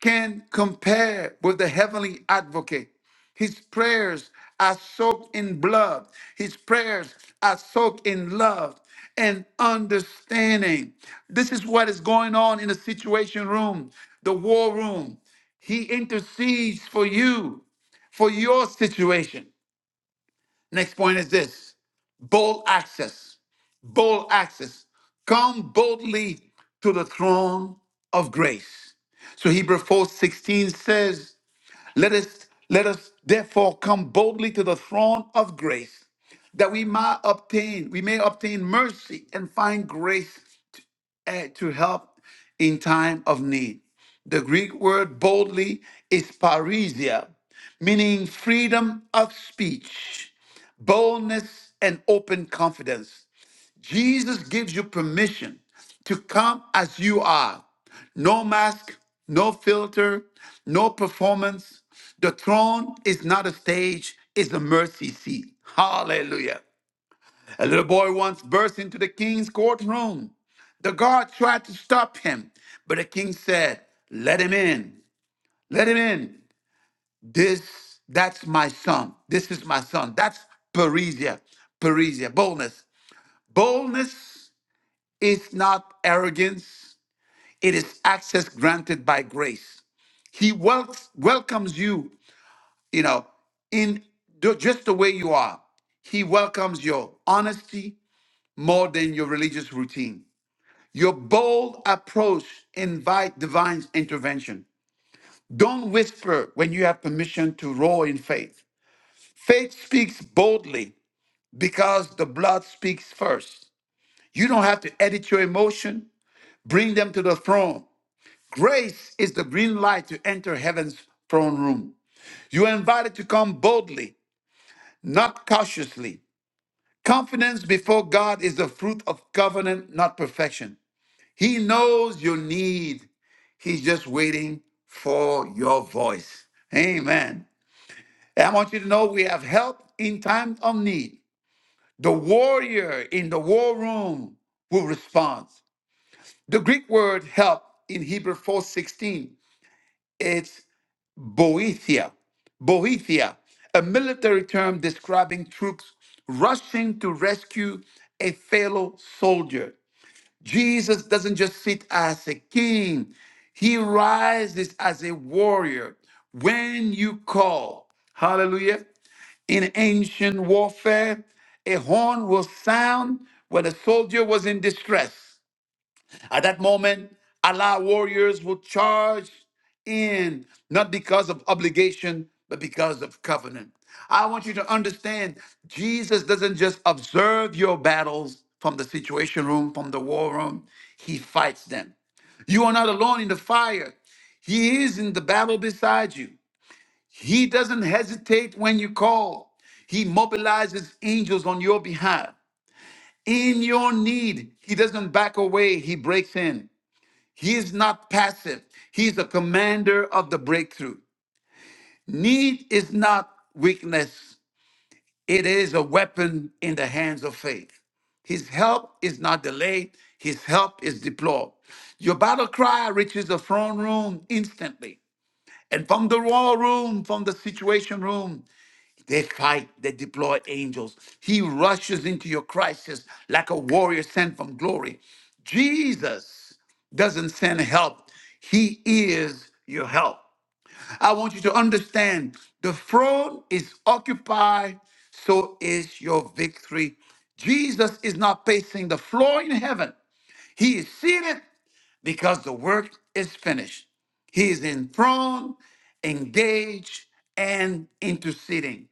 can compare with the heavenly advocate. His prayers are soaked in blood. His prayers are soaked in love and understanding. This is what is going on in the situation room, the war room. He intercedes for you, for your situation. Next point is this bold access. Bold access. Come boldly to the throne of grace. So Hebrews 4 16 says, Let us let us therefore come boldly to the throne of grace, that we may obtain, we may obtain mercy and find grace eh, to help in time of need. The Greek word boldly is parisia, meaning freedom of speech, boldness, and open confidence. Jesus gives you permission to come as you are. No mask, no filter, no performance. The throne is not a stage, it's a mercy seat. Hallelujah. A little boy once burst into the king's courtroom. The guard tried to stop him, but the king said, Let him in. Let him in. This, that's my son. This is my son. That's Parisia. Parisia. Boldness. Boldness is not arrogance. It is access granted by grace. He wel- welcomes you, you know, in ju- just the way you are. He welcomes your honesty more than your religious routine. Your bold approach invite divine intervention. Don't whisper when you have permission to roar in faith. Faith speaks boldly because the blood speaks first. You don't have to edit your emotion, bring them to the throne. Grace is the green light to enter heaven's throne room. You are invited to come boldly, not cautiously. Confidence before God is the fruit of covenant, not perfection. He knows your need. He's just waiting for your voice. Amen. And I want you to know we have help in time of need. The warrior in the war room will respond. The Greek word help in Hebrew 4:16, it's boethia. Boethia, a military term describing troops rushing to rescue a fellow soldier. Jesus doesn't just sit as a king, he rises as a warrior. When you call, hallelujah, in ancient warfare, a horn will sound when a soldier was in distress. At that moment, Allah warriors will charge in, not because of obligation, but because of covenant. I want you to understand Jesus doesn't just observe your battles from the situation room, from the war room, He fights them. You are not alone in the fire, He is in the battle beside you. He doesn't hesitate when you call, He mobilizes angels on your behalf. In your need, He doesn't back away, He breaks in. He is not passive. He's the commander of the breakthrough. Need is not weakness. It is a weapon in the hands of faith. His help is not delayed. His help is deployed. Your battle cry reaches the throne room instantly. And from the war room, from the situation room, they fight, they deploy angels. He rushes into your crisis like a warrior sent from glory. Jesus doesn't send help, He is your help. I want you to understand the throne is occupied, so is your victory. Jesus is not pacing the floor in heaven, He is seated because the work is finished. He is enthroned, engaged, and interceding.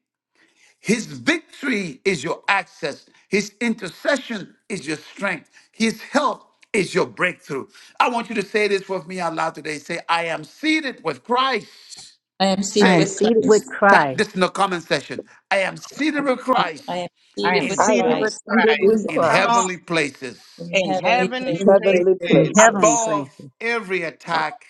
His victory is your access. His intercession is your strength. His help is your breakthrough. I want you to say this with me out loud today. Say, I am seated with Christ.
I am
I
seated
Say
am
it.
with
seated with
Christ.
Type
Christ
this in the comment section. I am seated with
I
Christ
am
I
seated
am
with
in,
I
seated
am
with
Christ
seated with
Christ.
Hallelujah.
in
Come
Christ
on,
heavenly places,
in
in
heavenly
Thank
heavenly
in
you in this
places.
heavenly
place.
in
places.
heavenly
places.
above
places
every attack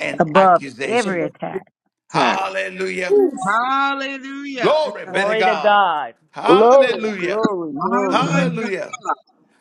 and
above
And
every
accusation.
before-
attack.
Hallelujah.
Hallelujah.
Glory be to
Glory to
God.
God.
Glory,
Hallelujah.
glory, glory.
My
Mhm.
Hallelujah.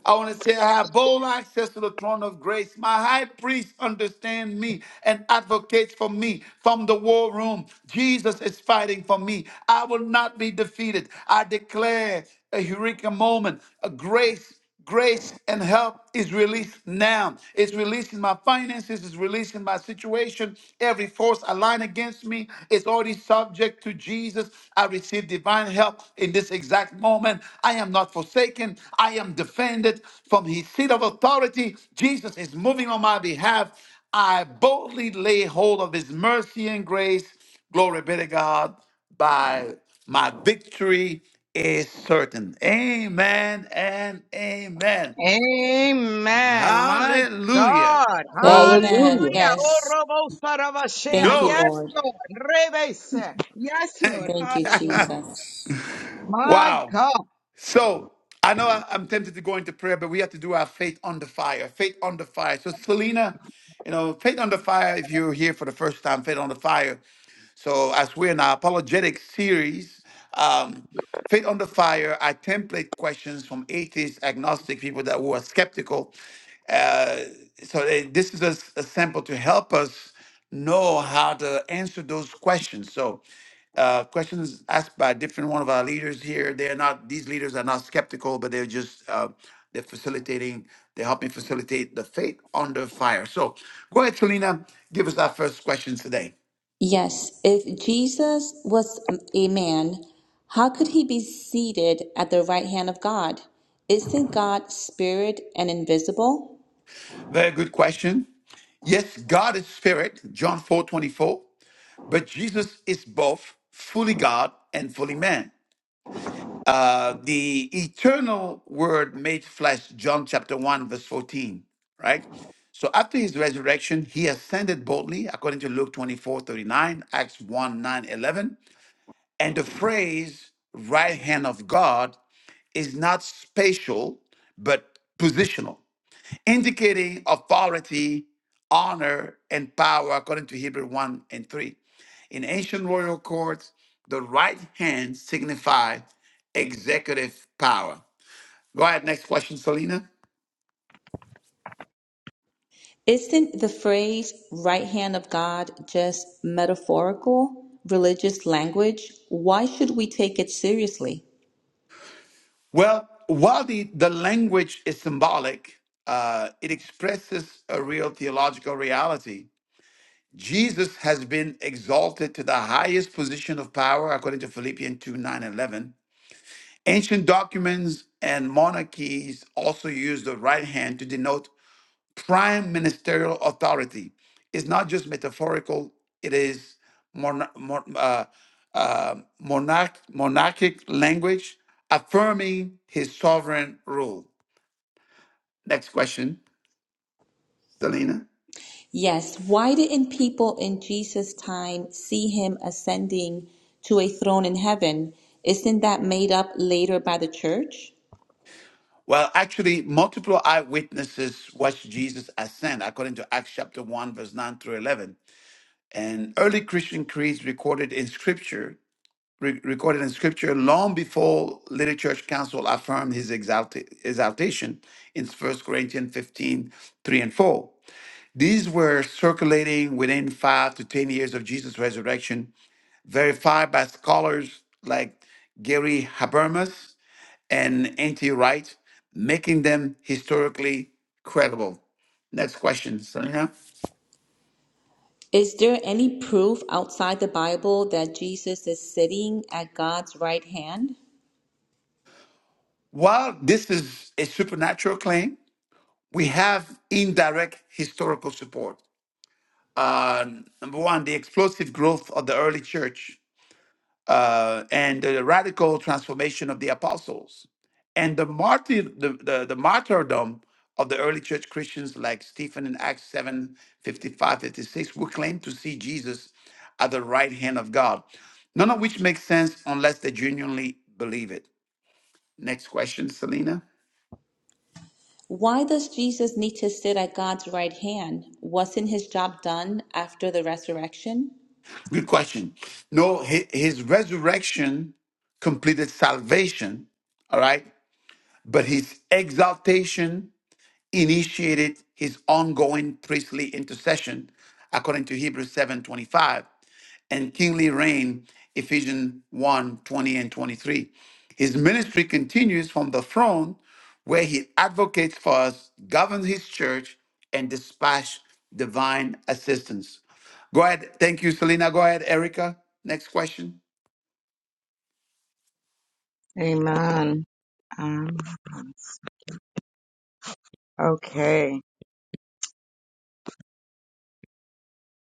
I want to say I have bold access to the throne of grace. My high priest understands me and advocates for me from the war room. Jesus is fighting for me. I will not be defeated. I declare a eureka moment, a grace. Grace and help is released now. It's releasing my finances, it's releasing my situation. Every force aligned against me, it's already subject to Jesus. I receive divine help in this exact moment. I am not forsaken. I am defended from his seat of authority. Jesus is moving on my behalf. I boldly lay hold of his mercy and grace. Glory be to God. By my victory is certain. Amen and amen.
Amen. My
Hallelujah.
God.
Amen.
Hallelujah.
Hallelujah. Oh,
Yes.
Robo Sarabashea.
Thank you,
Yes,
Glory.
Lord.
Lord. Rebese. Yes,
*laughs*
Lord.
Thank you,
Hallelujah.
Jesus.
My
wow.
God.
So I know I, am tempted to go into prayer, but we have to do our faith on the fire. Faith on the fire. So Selena, you know, faith on the fire. If you're here for the first time, faith on the fire. So, as we're in our apologetic series, um, Faith on the Fire, I template questions from atheist, agnostic people that were skeptical. Uh, so, they, this is a, s- a sample to help us know how to answer those questions. So, uh, questions asked by different one of our leaders here. They are not; these leaders are not skeptical, but they're just uh, they're facilitating. They're helping facilitate the faith under fire. So, go ahead, Selena. Give us our first questions today.
Yes. If Jesus was a man, how could he be seated at the right hand of God? Isn't God spirit and invisible?
Very good question. Yes, God is spirit, John 4 24. but Jesus is both fully God and fully man. Uh, the eternal word made flesh, John chapter 1, verse 14, right? So after his resurrection, he ascended boldly, according to Luke 24 39, Acts 1 9 11. And the phrase right hand of God is not spatial, but positional indicating authority, honor, and power, according to Hebrew 1 and 3. In ancient royal courts, the right hand signified executive power. Go ahead, next question, Selena.
Isn't the phrase right hand of God just metaphorical religious language? Why should we take it seriously?
Well, while the, the language is symbolic, uh, it expresses a real theological reality. Jesus has been exalted to the highest position of power, according to Philippians 2 9 11. Ancient documents and monarchies also use the right hand to denote prime ministerial authority. It's not just metaphorical, it is mon- mon- uh, uh, monarch- monarchic language affirming his sovereign rule. Next question, Selena.
Yes, why didn't people in Jesus' time see him ascending to a throne in heaven? Isn't that made up later by the church?
Well, actually, multiple eyewitnesses watched Jesus ascend, according to Acts chapter 1, verse 9 through 11. And early Christian creeds recorded in scripture re- recorded in scripture long before later church council affirmed his exalta- exaltation in First Corinthians 15, 3 and 4. These were circulating within five to 10 years of Jesus' resurrection, verified by scholars like Gary Habermas and N.T. Wright, making them historically credible. Next question, Sonia.
Is there any proof outside the Bible that Jesus is sitting at God's right hand?
While this is a supernatural claim, we have indirect historical support. uh, number one, the explosive growth of the early church uh, and the radical transformation of the apostles and the, martyr, the, the, the martyrdom of the early church Christians like Stephen in Acts 7 55 56, who claim to see Jesus at the right hand of God, none of which makes sense unless they genuinely believe it. Next question, Selena.
Why does Jesus need to sit at God's right hand? Wasn't his job done after the resurrection?
Good question. No, hi- his resurrection completed salvation, all right? but his exaltation initiated his ongoing priestly intercession according to hebrews 7.25 and kingly reign ephesians one twenty and 23 his ministry continues from the throne where he advocates for us governs his church and dispatch divine assistance go ahead thank you selena go ahead erica next question
Amen. Um, okay.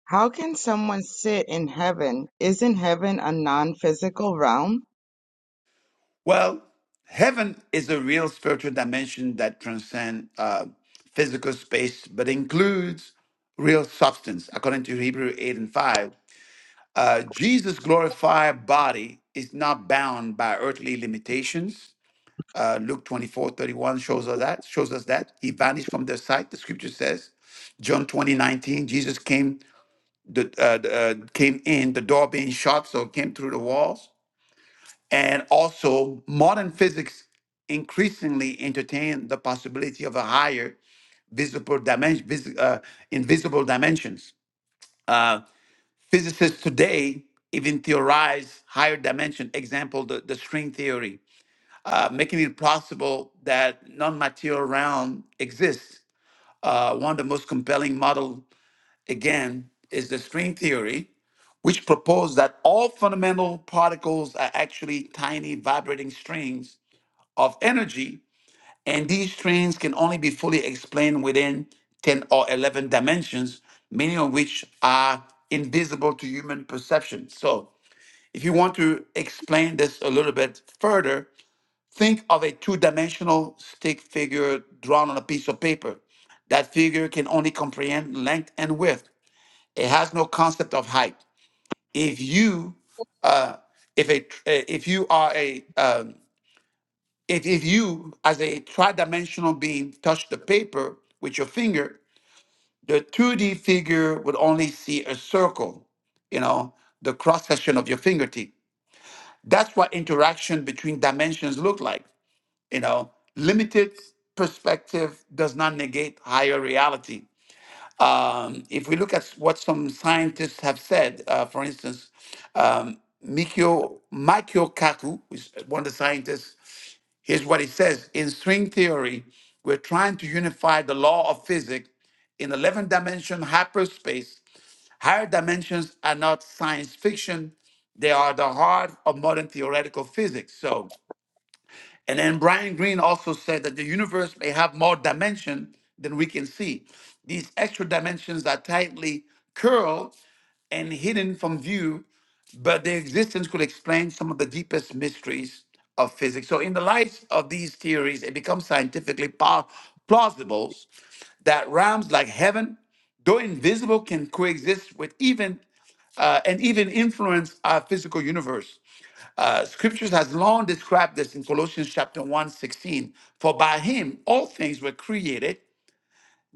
How can someone sit in heaven? Isn't heaven a non physical realm?
Well, heaven is a real spiritual dimension that transcends uh, physical space, but includes real substance. According to Hebrew 8 and 5, uh, Jesus' glorified body is not bound by earthly limitations. Uh, Luke 24 31 shows us that, shows us that. He vanished from their sight, the scripture says. John 20 19. Jesus came, the, uh, the, uh, came in, the door being shut, so came through the walls. And also, modern physics increasingly entertain the possibility of a higher visible dimension, vis- uh, invisible dimensions. Uh, physicists today even theorize higher dimension. Example: the, the string theory, uh, making it possible that non-material realm exists. Uh, one of the most compelling model again is the string theory, which proposed that all fundamental particles are actually tiny vibrating strings of energy, and these trains can only be fully explained within 10 or 11 dimensions, many of which are invisible to human perception. So, if you want to explain this a little bit further, think of a two dimensional stick figure drawn on a piece of paper. That figure can only comprehend length and width. It has no concept of height. If you, uh, if a, if you are a um, if, if you, as a tridimensional being, touch the paper with your finger, the 2D figure would only see a circle, you know, the cross section of your fingertip. That's what interaction between dimensions look like. You know, limited perspective does not negate higher reality. Um, if we look at what some scientists have said, uh, for instance, um, Mikio, Mikio Kaku, who's one of the scientists Here's what it says In string theory, we're trying to unify the law of physics in 11 dimension hyperspace. Higher dimensions are not science fiction, they are the heart of modern theoretical physics. So. And then Brian Greene also said that the universe may have more dimension than we can see. These extra dimensions are tightly curled and hidden from view, but their existence could explain some of the deepest mysteries of physics. So, in the light of these theories, it becomes scientifically pa- plausible that realms like heaven, though invisible, can coexist with even uh, and even influence our physical universe. Uh, scriptures has long described this in Colossians chapter 1, sixteen. For by him all things were created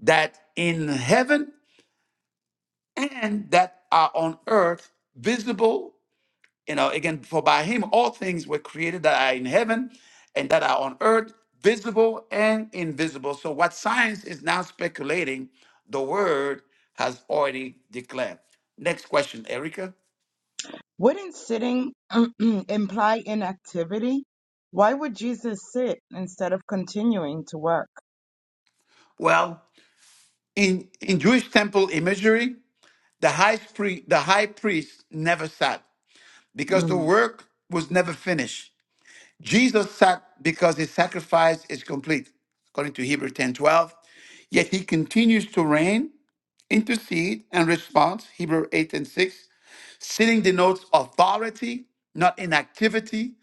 that in heaven and that are on earth visible. You know, again, for by him all things were created that are in heaven and that are on earth, visible and invisible. So what science is now speculating, the word has already declared. Next question, Erica.
Wouldn't sitting *clears throat* imply inactivity? Why would Jesus sit instead of continuing to work?
Well, in, in Jewish temple imagery, The high, pri- the high priest never sat because the
Hmm.
work was never finished. Jesus sat because his sacrifice is complete, according to Hebrew 10 12. Yet he continues to reign, intercede, and respond, Hebrew 8 and 6, sitting denotes authority, not inactivity,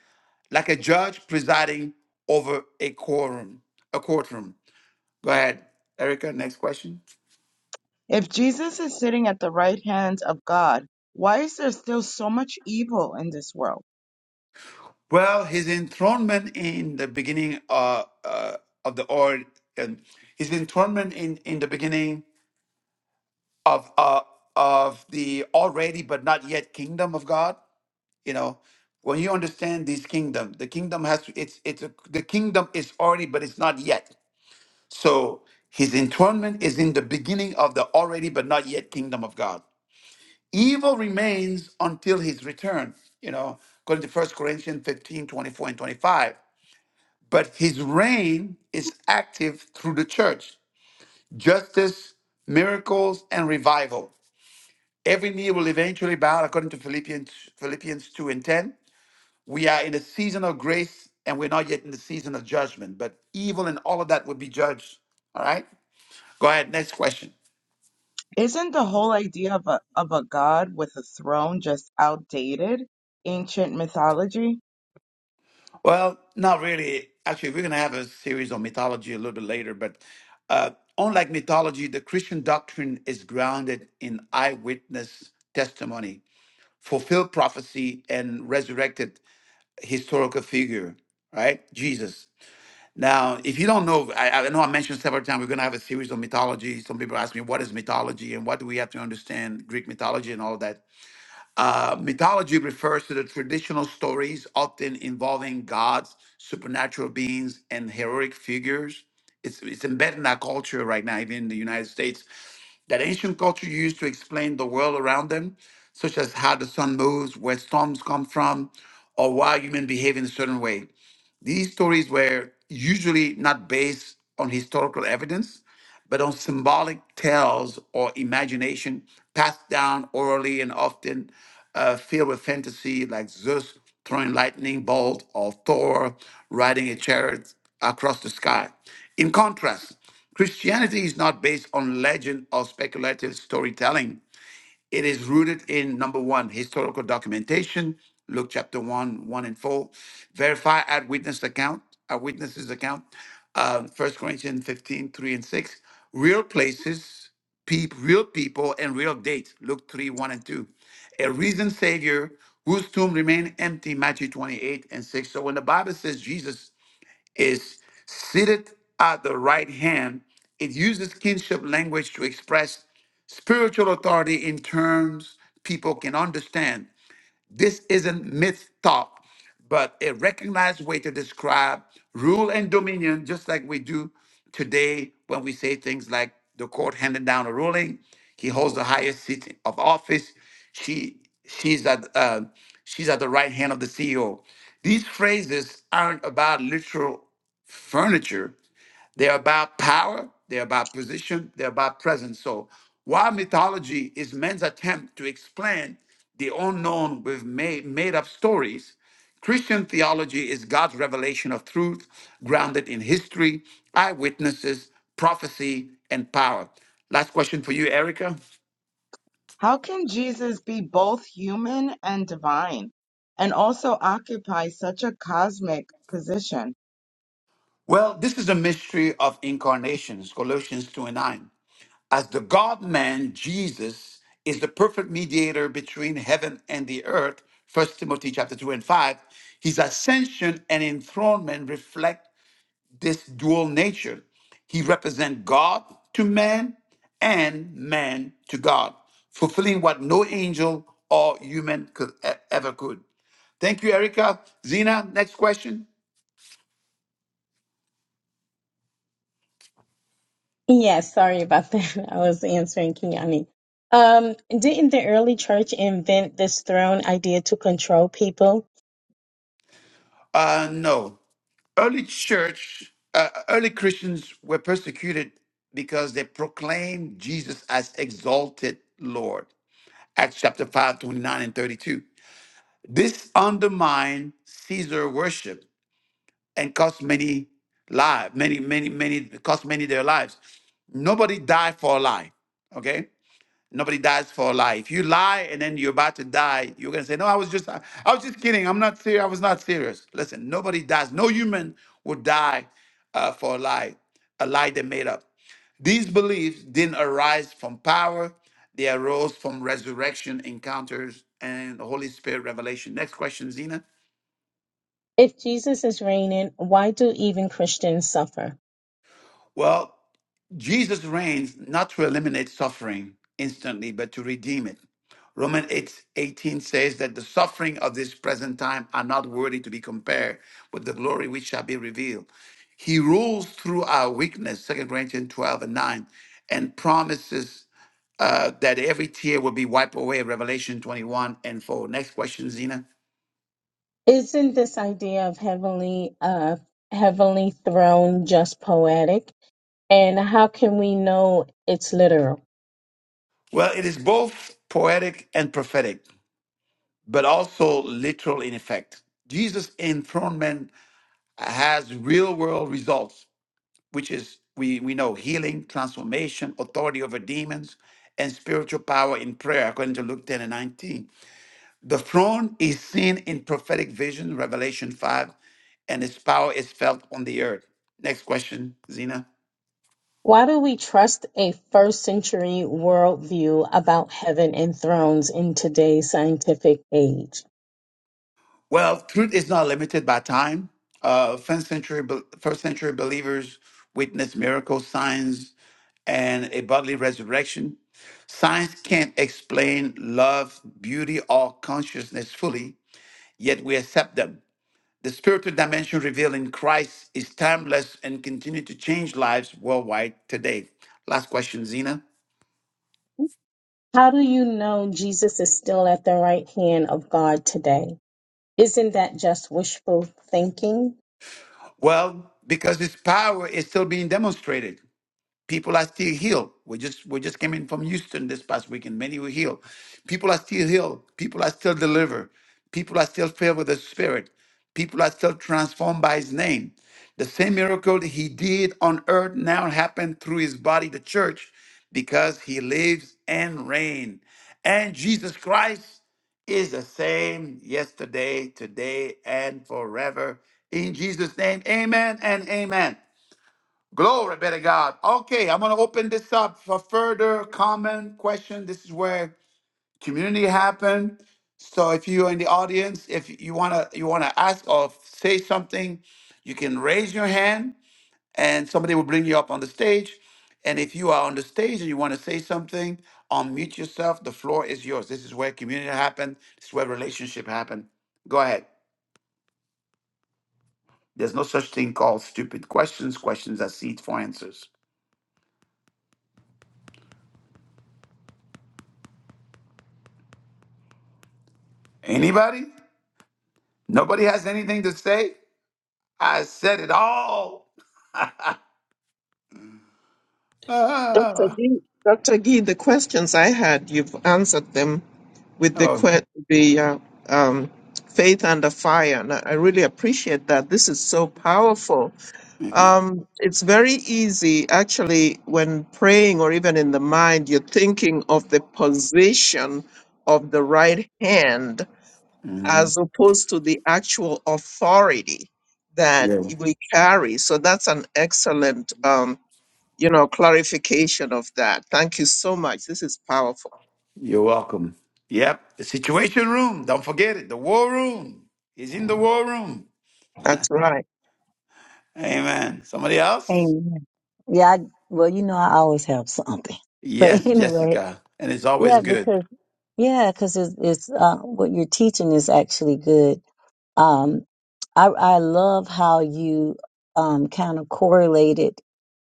like a judge presiding over a quorum. A courtroom. Go ahead, Erica. Next question.
If Jesus is sitting at the right hand of God, why is there still so much evil in this world?
Well, his enthronement in the beginning uh, uh, of the or and his enthronement in, in the beginning of uh, of the already but not yet kingdom of God. You know, when you understand this kingdom, the kingdom has to, it's it's a, the kingdom is already but it's not yet. So his enthronement is in the beginning of the already but not yet kingdom of God. Evil remains until his return. You know, according to First Corinthians 15 24 and 25. but his reign is active through the church. Justice, miracles, and revival. Every knee will eventually bow, according to Philippians, Philippians 2 and 10. We are in a season of grace and we're not yet in the season of judgment, but evil and all of that will be judged. All right? Go ahead, next question.
Isn't the whole idea of a of a god with a throne just outdated ancient mythology?
Well, not really. Actually, we're going to have a series on mythology a little bit later, but uh, unlike mythology, the Christian doctrine is grounded in eyewitness testimony fulfilled prophecy and resurrected historical figure, right? Jesus. Now, if you don't know, I, I know I mentioned several times we're going to have a series on mythology. Some people ask me, what is mythology and what do we have to understand Greek mythology and all that. Uh, mythology refers to the traditional stories often involving gods, supernatural beings, and heroic figures. It's, it's embedded in our culture right now, even in the United States, that ancient culture used to explain the world around them, such as how the sun moves, where storms come from, or why humans behave in a certain way. These stories were usually not based on historical evidence, but on symbolic tales or imagination passed down orally and often uh, filled with fantasy, like Zeus throwing lightning bolt or Thor riding a chariot across the sky. In contrast, Christianity is not based on legend or speculative storytelling it is rooted in number one, historical documentation, Luke chapter one, one and four. Verify eyewitness account, eyewitnesses account, uh, First Corinthians 15 3 and 6. Real places, peop, real people, and real dates, Luke 3, 1 and 2. A risen Savior whose tomb remained empty, Matthew 28 and 6. So when the Bible says Jesus is seated at the right hand. It uses kinship language to express spiritual authority in terms people can understand. This isn't myth talk, but a recognized way to describe rule and dominion, just like we do today when we say things like the court handed down a ruling, he holds the highest seat of office, she she's at uh, she's at the right hand of the CEO. These phrases aren't about literal furniture. They're about power, they're about position, they're about presence. So while mythology is man's attempt to explain the unknown with made, made up stories, Christian theology is God's revelation of truth grounded in history, eyewitnesses, prophecy, and power. Last question for you, Erica.
How can Jesus be both human and divine and also occupy such a cosmic position?
Well, this is a mystery of incarnations, Colossians 2 and 9. as the God man, Jesus is the perfect mediator between heaven and the earth. First Timothy chapter 2 and 5. His ascension and enthronement reflect this dual nature. He represents God to man and man to God, fulfilling what no angel or human could e- ever could. Thank you, Erica. Zena, next question.
Yes, sorry about that. *laughs* I was answering Kiani. Um, didn't the early church invent this throne idea to control people?
Uh, no. Early church, uh, early Christians were persecuted because they proclaimed Jesus as exalted Lord. Acts chapter 5, 29 and 32. This undermined Caesar worship and cost many lives, many, many, many, cost many their lives. Nobody died for a lie, okay? Nobody dies for a lie. If you lie and then you're about to die, you're gonna say, "No, I was just, I, I was just kidding. I'm not serious. I was not serious." Listen, nobody dies. No human would die uh, for a lie, a lie they made up. These beliefs didn't arise from power; they arose from resurrection encounters and Holy Spirit revelation. Next question, Zena.
If Jesus is reigning, why do even Christians suffer?
Well, Jesus reigns not to eliminate suffering instantly, but to redeem it. Romans 8 18 says that the suffering of this present time are not worthy to be compared with the glory which shall be revealed. He rules through our weakness, Second Corinthians 12 and 9, and promises uh, that every tear will be wiped away, Revelation 21 and 4. Next question, Zena.
Isn't this idea of heavenly, uh, heavenly throne just poetic? And how can we know it's literal?
Well, it is both poetic and prophetic, but also literal in effect. Jesus' enthronement has real world results, which is we, we know healing, transformation, authority over demons, and spiritual power in prayer, according to Luke 10 and 19. The throne is seen in prophetic vision, Revelation 5, and its power is felt on the earth. Next question, Zena.
Why do we trust a first century worldview about heaven and thrones in today's scientific age?
Well, truth is not limited by time. Uh, first century, be- first century believers witnessed miracles, signs, and a bodily resurrection. Science can't explain love, beauty, or consciousness fully, yet we accept them. The spiritual dimension revealed in Christ is timeless and continue to change lives worldwide today. Last question, Zena.
How do you know Jesus is still at the right hand of God today? Isn't that just wishful thinking?
Well, because its power is still being demonstrated. People are still healed. We just we just came in from Houston this past weekend. Many were healed. People are still healed. People are still delivered. People are still filled with the Spirit. People are still transformed by His name. The same miracle that He did on earth now happened through His body, the church, because He lives and reigns. And Jesus Christ is the same yesterday, today, and forever. In Jesus' name, amen and amen. Glory be to God. Okay, I'm going to open this up for further comment, question. This is where community happen. So if you're in the audience, if you want to you want to ask or say something, you can raise your hand and somebody will bring you up on the stage. And if you are on the stage and you want to say something, unmute yourself. The floor is yours. This is where community happen. This is where relationship happen. Go ahead. There's no such thing called stupid questions, questions are seed for answers. Anybody? Nobody has anything to say? I said it all. *laughs*
Dr.
Ah.
Gee, Dr. Gee, the questions I had, you've answered them with the
oh,
que- the uh, um, faith under fire, and I I really appreciate that. This is so powerful.
amen.
Um, it's very easy, actually, when praying or even in the mind, you're thinking of the position of the right hand
Mhm.
as opposed to the actual authority that
Yeah.
we carry. So that's an excellent. Um, you know, clarification of that. Thank you so much. This is powerful.
You're welcome. Yep. The situation room. Don't forget it. The war room. He's in the war room.
That's right.
Amen. Somebody else?
Amen. Yeah. I, well, you know, I always have something, but *laughs*
Yes,
anyway,
Jessica. And it's always
yeah,
good.
because, yeah, because it's, it's, uh, what you're teaching is actually good. Um, I, I love how you, um, kind of correlated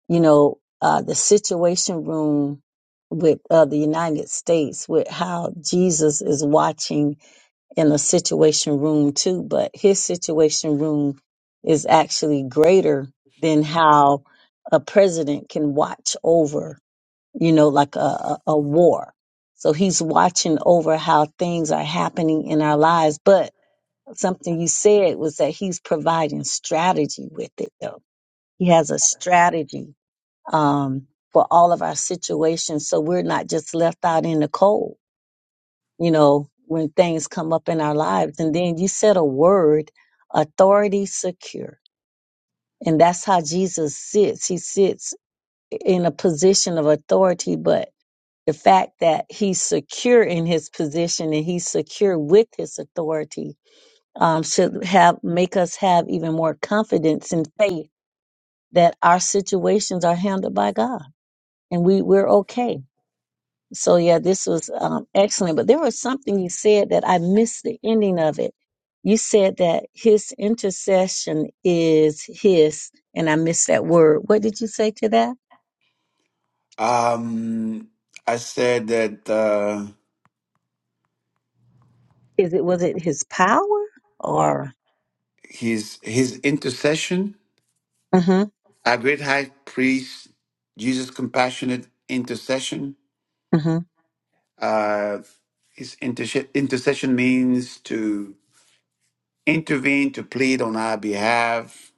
you know, uh, the situation room with uh, the United States, with how Jesus is watching in a situation room too, but his situation room is actually greater than how a president can watch over, you know, like a, a, a war. So he's watching over how things are happening in our lives. But something you said was that he's providing strategy with it, though. He has a strategy um, for all of our situations so we're not just left out in the cold, you know, when things come up in our lives. And then you said a word, authority secure. And that's how Jesus sits. He sits in a position of authority, but the fact that he's secure in his position and he's secure with his authority um, should have make us have even more confidence and faith that our situations are handled by God and we, we're okay So yeah, this was um, excellent. But there was something you said that I missed the ending of it. You said that his intercession is his, and I missed that word. What did you say to that?
Um, I said that uh,
Is it was it his power or?
his his intercession,
hmm
our great high priest, Jesus' compassionate intercession.
hmm
Uh, his interse- intercession means to intervene, to plead on our behalf.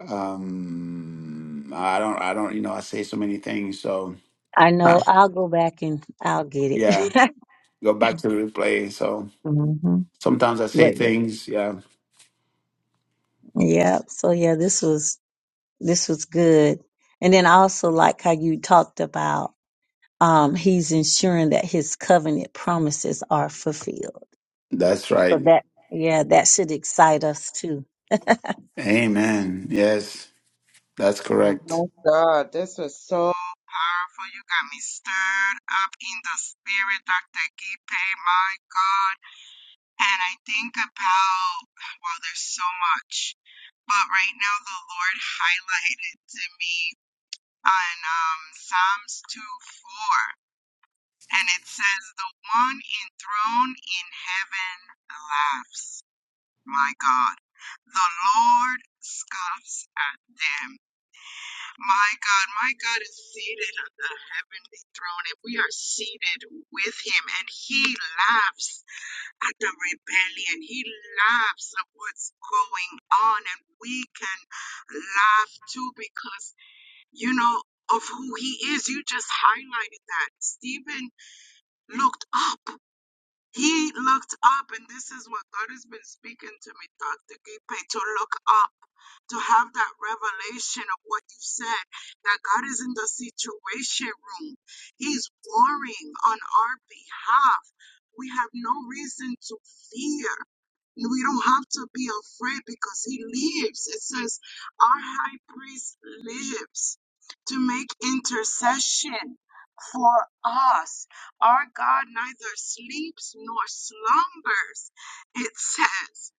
Um, I don't, I don't, you know, I say so many things. So,
I
Huh.
know. I'll go back and I'll get
yeah,
it.
go back to the replay. So
*laughs* hmm
sometimes I say
But yeah,
things. Yeah,
yeah. So yeah, this was this was good. And then I also like how you talked about. um, he's ensuring that his covenant promises are fulfilled.
that's
So
right.
that, yeah, that should excite us too.
Amen. Yes, that's
Mm,
correct.
My God, this was so powerful. You got me stirred up in the spirit, Dr. Gipe. My God. And I think about, well, there's so much. But right now, the Lord highlighted to me on um, Psalms 2 4. And it says, The one enthroned in heaven laughs. My God. The Lord scoffs at them. My God, my God is seated on the heavenly throne, and we are seated with him, and he laughs at the rebellion. He laughs at what's going on, and we can laugh too because, you know, of who he is. You just highlighted that. Stephen looked up he looked up, and this is what God has been speaking to me, Dr. Gipe, to look up, to have that revelation of what you said, that God is in the situation room. He's warring on our behalf. We have no reason to fear. We don't have to be afraid because he lives. It says our high priest lives to make intercession for us. Our God neither sleeps nor slumbers. It says,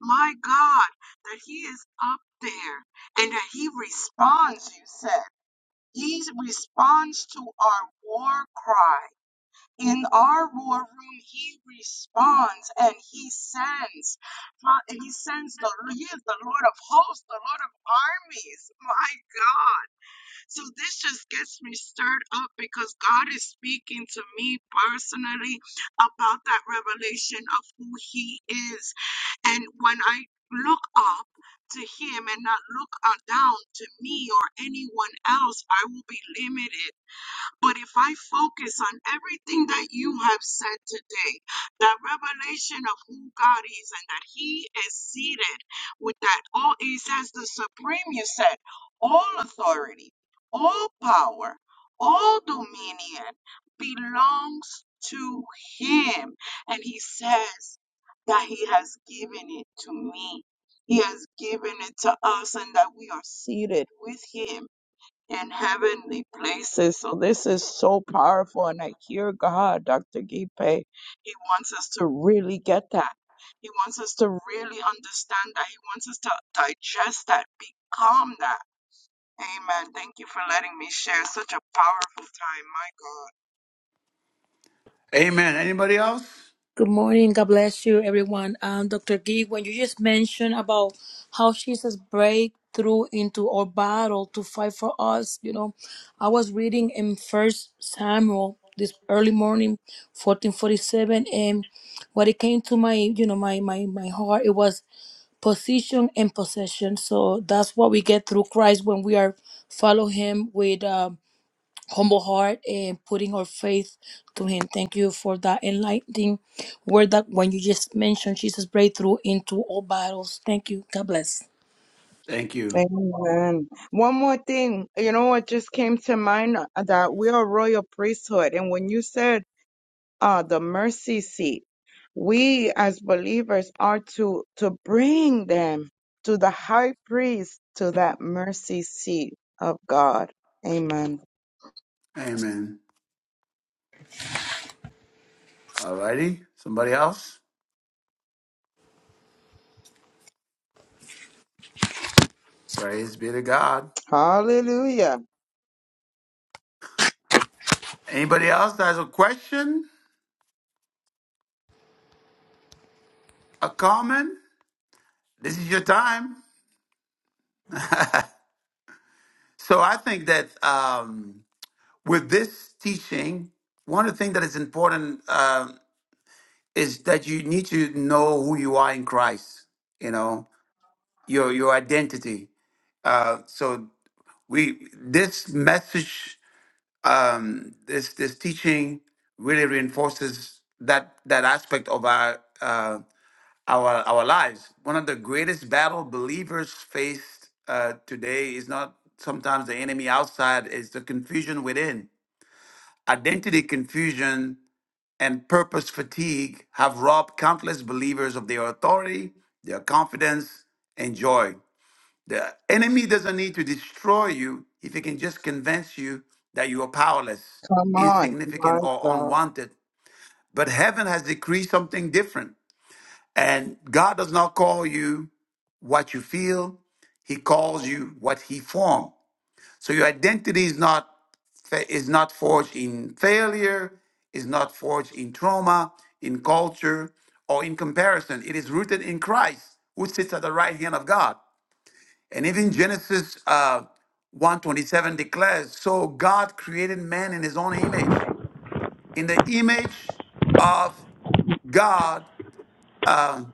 my God, that He is up there and that He responds, you said. He responds to our war cry. In our war room, He responds and He sends. Fa- He sends the, He is the Lord of hosts, the Lord of armies. My God. So this just gets me stirred up because God is speaking to me personally about that revelation of who He is. And when I look up to Him and not look uh, down to me or anyone else, I will be limited but if I focus on everything that you have said today, that revelation of who God is and that He is seated with that, all He says, the supreme, you said, all authority, all power, all dominion belongs to Him. And He says that He has given it to me. He has given it to us, and that we are seated with Him in heavenly places. So this is so powerful. And I hear God, Dr. Gipe, He wants us to really get that. He wants us to really understand that. He wants us to digest that, become that. Amen. Thank you for letting me share such a powerful time. My God.
Amen. Anybody else?
Good morning. God bless you, everyone. Um, Dr. Gee, when you just mentioned about how Jesus break through into our battle to fight for us, you know, I was reading in First Samuel this early morning, fourteen forty-seven, and what it came to my, you know, my my my heart, it was position and possession. So that's what we get through Christ when we are follow Him with. Um, humble heart and putting her faith to him. Thank you for that enlightening word that when you just mentioned Jesus breakthrough into all battles. Thank you. God bless.
Thank you.
Amen. One more thing, you know what just came to mind uh, that we are royal priesthood. And when you said uh, the mercy seat. We as believers are to, to bring them to the high priest, to that mercy seat of God. Amen.
Amen. All righty. Somebody else? Praise be to God.
Hallelujah.
Anybody else that has a question, a comment? this is your time. *laughs* so I think that um, with this teaching, one of the things that is important um is that you need to know who you are in Christ. You know your your identity. Uh, so we this message, um, this this teaching really reinforces that that aspect of our uh, our our lives. One of the greatest battle believers faced uh, today is not sometimes the enemy outside; is the confusion within. Identity confusion and purpose fatigue have robbed countless believers of their authority, their confidence, and joy. The enemy doesn't need to destroy you if he can just convince you that you are powerless,
Come on.
insignificant,
My
or
God.
unwanted. But heaven has decreed something different. And God does not call you what you feel. He calls you what he formed. So your identity is not fa- is not forged in failure, is not forged in trauma, in culture, or in comparison. It is rooted in Christ, who sits at the right hand of God. And even Genesis uh, 127 declares, so God created man in his own image. In the image of God, um,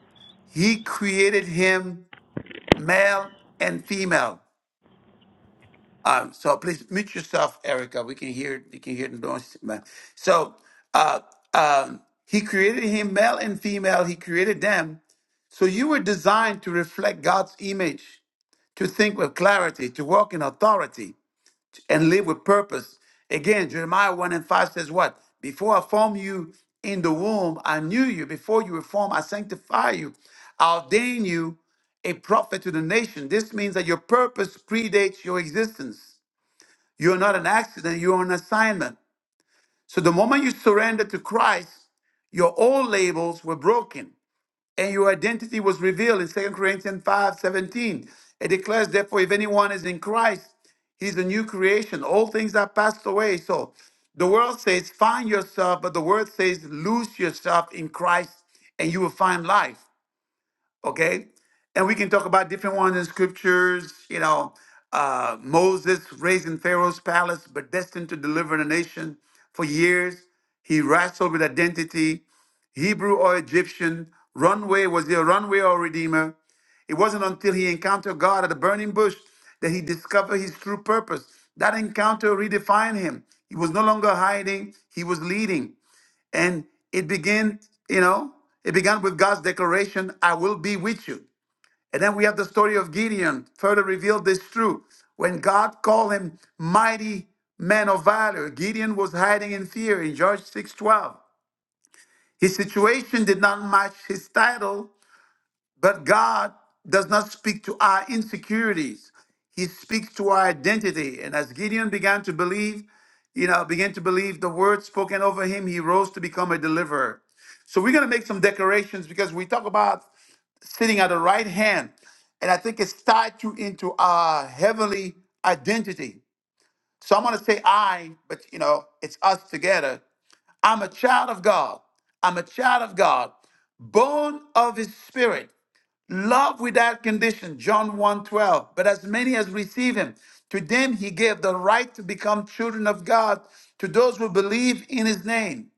he created him male and female. Um, so please mute yourself, Erica. We can hear you can hear the noise. So uh, um, he created him male and female. He created them. So you were designed to reflect God's image, to think with clarity, to walk in authority, and live with purpose. Again, Jeremiah 1 and 5 says what? Before I formed you in the womb, I knew you. Before you were formed, I sanctify you. I ordain you a prophet to the nation. This means that your purpose predates your existence. You're not an accident, you're an assignment. So the moment you surrender to Christ, your old labels were broken and your identity was revealed in Second Corinthians 5 17, It declares, therefore, if anyone is in Christ, he's a new creation. All things are passed away. So the world says, find yourself, but the word says, lose yourself in Christ and you will find life okay? And we can talk about different ones in scriptures, you know, uh, Moses raised in Pharaoh's palace, but destined to deliver the nation for years. He wrestled with identity, Hebrew or Egyptian, runway, was he a runway or redeemer? It wasn't until he encountered God at a burning bush that he discovered his true purpose. That encounter redefined him. He was no longer hiding, he was leading. And it began, you know, it began with God's declaration, I will be with you. And then we have the story of Gideon, further revealed this truth. When God called him mighty man of valor, Gideon was hiding in fear in Judges 6:12. His situation did not match his title, but God does not speak to our insecurities. He speaks to our identity. And as Gideon began to believe, you know, began to believe the word spoken over him, he rose to become a deliverer. So we're going to make some decorations because we talk about sitting at the right hand. And I think it's tied to into our heavenly identity. So I'm going to say I, but you know, it's us together. I'm a child of God. I'm a child of God, born of his spirit. Love without condition, John one 12. But as many as receive him, to them he gave the right to become children of God, to those who believe in his name.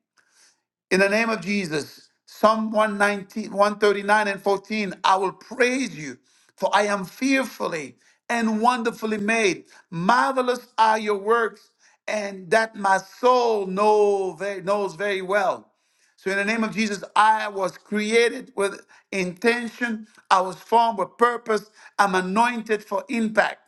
In the name of Jesus, Psalm one nineteen, one thirty nine and 14, I will praise you, for I am fearfully and wonderfully made. Marvelous are your works, and that my soul know very, knows very well. So, in the name of Jesus, I was created with intention, I was formed with purpose, I'm anointed for impact.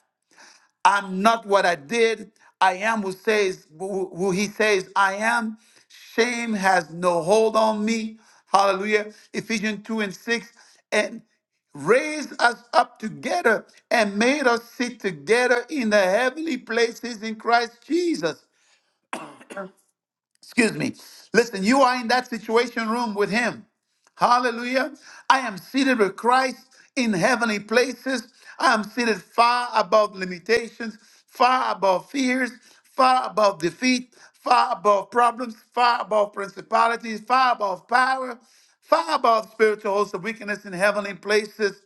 I'm not what I did. I am who says who who he says I am. Shame has no hold on me. Hallelujah. Ephesians 2 and 6. And raised us up together and made us sit together in the heavenly places in Christ Jesus excuse me. Listen, you are in that situation room with him. Hallelujah. I am seated with Christ in heavenly places. I am seated far above limitations, far above fears, far above defeat, far above problems, far above principalities, far above power, far above spiritual hosts of wickedness in heavenly places.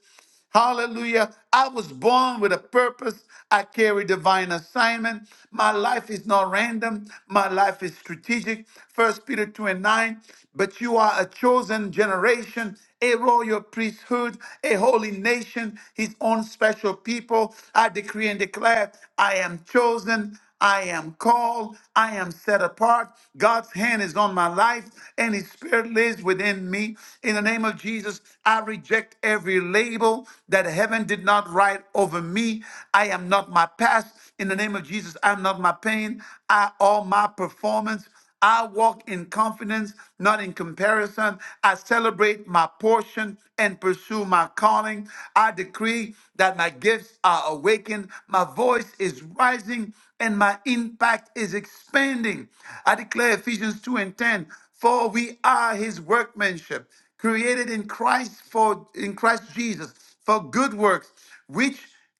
Hallelujah. I was born with a purpose. I carry divine assignment. My life is not random. My life is strategic. First Peter 2 and 9. But you are a chosen generation, a royal priesthood, a holy nation, his own special people. I decree and declare, I am chosen. I am called. I am set apart. God's hand is on my life and His Spirit lives within me. In the name of Jesus, I reject every label that heaven did not write over me. I am not my past. In the name of Jesus, I'm not my pain. I all my performance. I walk in confidence, not in comparison. I celebrate my portion and pursue my calling. I decree that my gifts are awakened, my voice is rising, and my impact is expanding. I declare Ephesians 2 and 10 for we are his workmanship created in christ for in christ jesus for good works which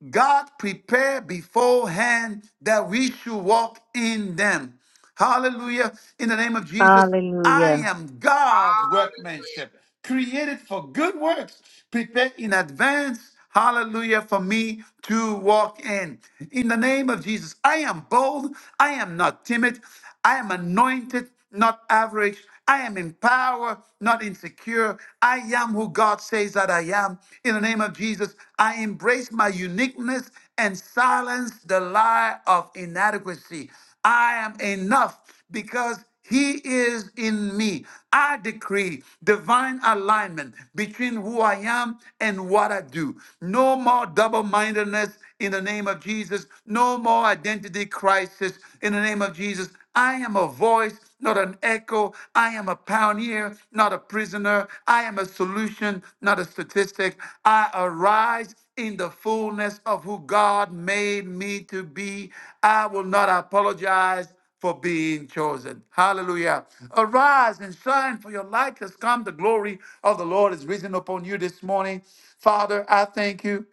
god prepared beforehand that we should walk in them Hallelujah. In the name of Jesus, I
Hallelujah.
am God's workmanship, created for good works, prepared in advance. Hallelujah for me to walk in. In the name of Jesus, I am bold. I am not timid. I am anointed, not average. I am in power, not insecure. I am who God says that I am. In the name of Jesus, I embrace my uniqueness and silence the lie of inadequacy. I am enough because he is in me. I decree divine alignment between who I am and what I do. No more double mindedness in the name of Jesus. No more identity crisis in the name of Jesus. I am a voice, not an echo. I am a pioneer, not a prisoner. I am a solution, not a statistic. I arise in the fullness of who God made me to be. I will not apologize for being chosen. Hallelujah. Arise and shine, for your light has come. The glory of the Lord is risen upon you this morning. Father, I thank you.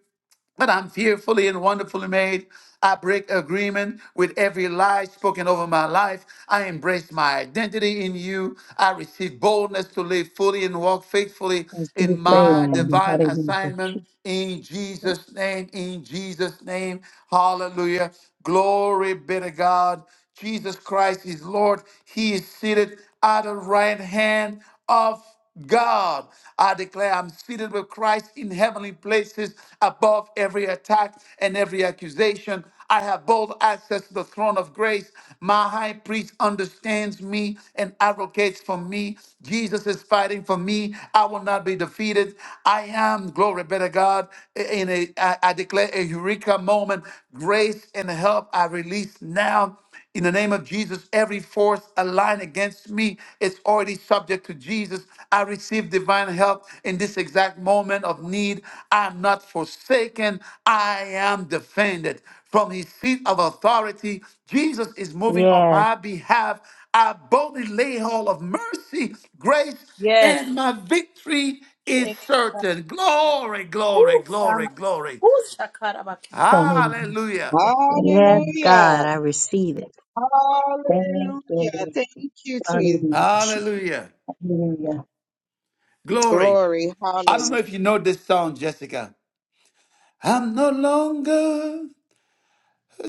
But I'm fearfully and wonderfully made. I break agreement with every lie spoken over my life. I embrace my identity in you. I receive boldness to live fully and walk faithfully
In
in
Jesus'
Praise
my
name.
God.
divine
Hallelujah.
assignment. In Jesus' name, in Jesus' name. Hallelujah. Glory be to God. Jesus Christ is Lord. He is seated at the right hand of God. I declare I'm seated with Christ in heavenly places above every attack and every accusation. I have bold access to the throne of grace. My high priest understands me and advocates for me. Jesus is fighting for me. I will not be defeated. I am, glory be to God, in a, I I declare a eureka moment. Grace and help I release now. In the name of Jesus, every force aligned against me is already subject to Jesus. I receive divine help in this exact moment of need. I am not forsaken, I am defended. From his seat of authority, Jesus is moving on
Yes.
my behalf. I boldly lay hold of mercy, grace,
Yes.
and my victory is
Shake.
certain. Glory, glory,
Ooh,
glory,
Sama.
glory.
Ooh, Shakarabakia.
Hallelujah.
Hallelujah.
Yes, God,
Hallelujah.
I receive it.
Hallelujah.
Hallelujah.
Thank you, Jesus.
Hallelujah.
Hallelujah. Glory.
Glory.
I don't know
Hallelujah.
if you know this song, Jessica. I'm no longer a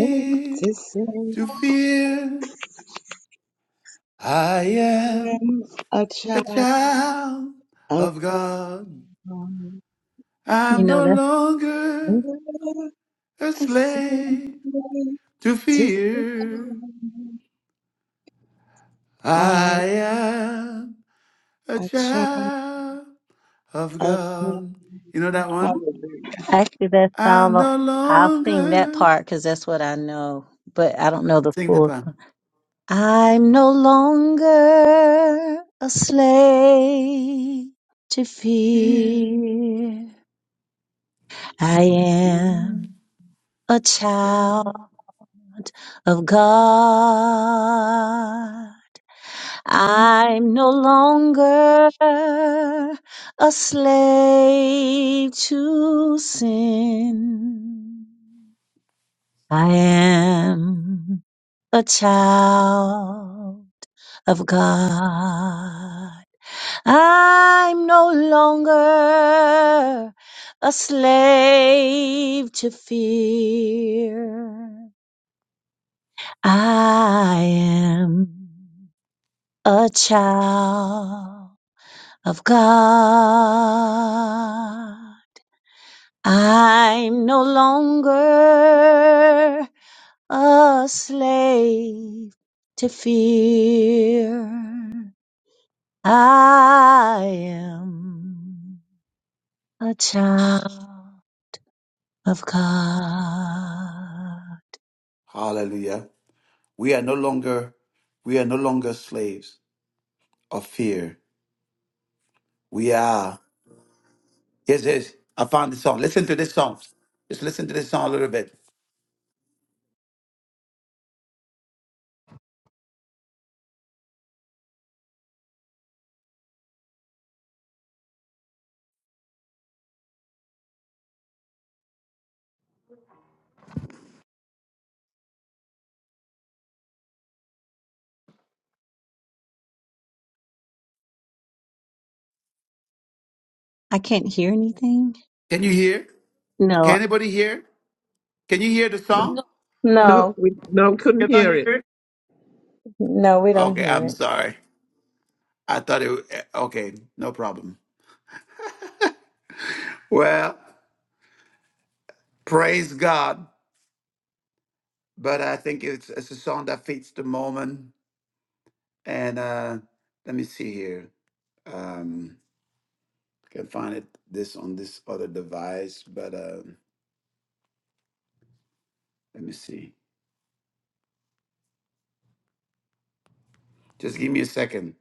Need To sing
to fear. I am
a
a
child
child
of
of God.
God.
You
I'm
know,
no
that's
longer a
ascended
slave to
to
fear.
fly. I
I
am
am a
a child
child of
of God.
God. You know that one?
Hallelujah.
actually, that's all.
I'm no
I'll sing that
longer.
part because that's what I know, but I don't know the
Sing that
full.
one.
song. I'm no longer a slave to
Fear.
fear. I am a child of God.
Fear.
I'm no longer a slave to sin. I am a child of God. I'm no longer a slave to fear. I am a child of God. I'm no longer a slave to fear. I am a child of God.
Hallelujah. We are no longer we are no longer slaves of fear. We are. Yes, yes. I found the song. Listen to this song. Just listen to this song a little bit.
I can't hear anything.
Can you hear? Can
No,
anybody hear? Can you hear the song?
No, no.
No,
No,
we no couldn't
Can I
hear it.
hear it?
no, we don't
Okay,
hear
I'm
it.
sorry. I thought it. Okay, no problem. Well, praise God. But I think it's it's a song that fits the moment. And uh let me see here. Um, Can find it this on this other device, but um, let me see. Just give me a second.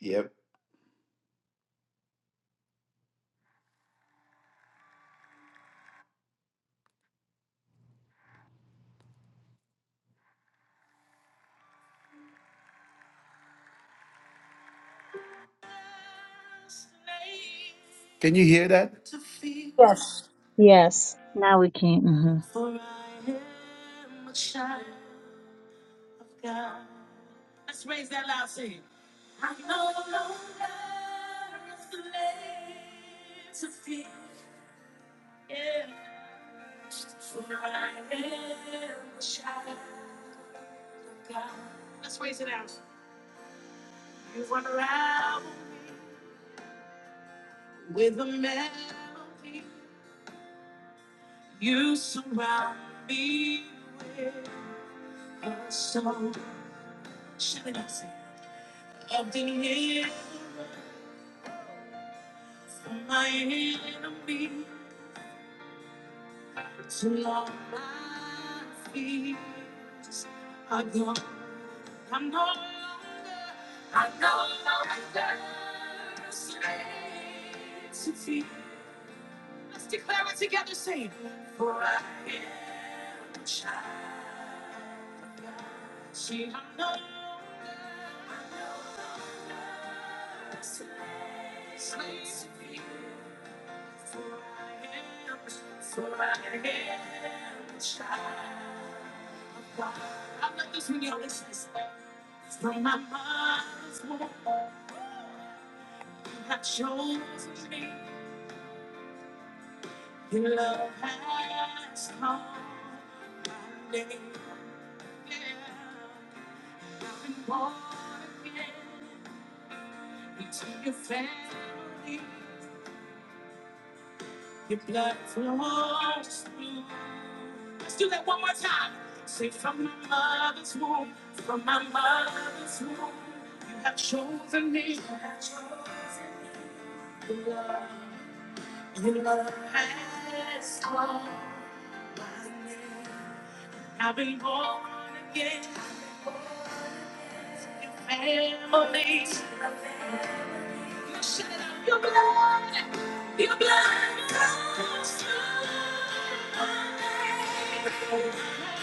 Yep. Can you hear that? Let's
Yes.
Yes.
now we can't. hmm
raise that loud sing. it. I'm no longer a slave to fear. Yeah. For I am a child of God. Let's raise it out. You unravel me with a melody. You surround me with a song. Shall I not sing? Of deliverance from my enemy. Till all my fears are gone. I'm no longer, I'm no longer a slave to fear. Let's declare it together, saying, For I am a child of God. See, I'm no longer I'm no longer a slave, slave to fear. For I am, for I am a child of God. I love this when y'all listen to this. From my mother's womb, you have chosen me. Your Love has called my name. I've been born again into your family. Your blood flows through. Let's do that one more time. Say, from my mother's womb, from my mother's womb, you have chosen me. You have chosen me. Your love Your love has called my name. I've been born again. Your family. Shout out your blood. Your blood comes through my name.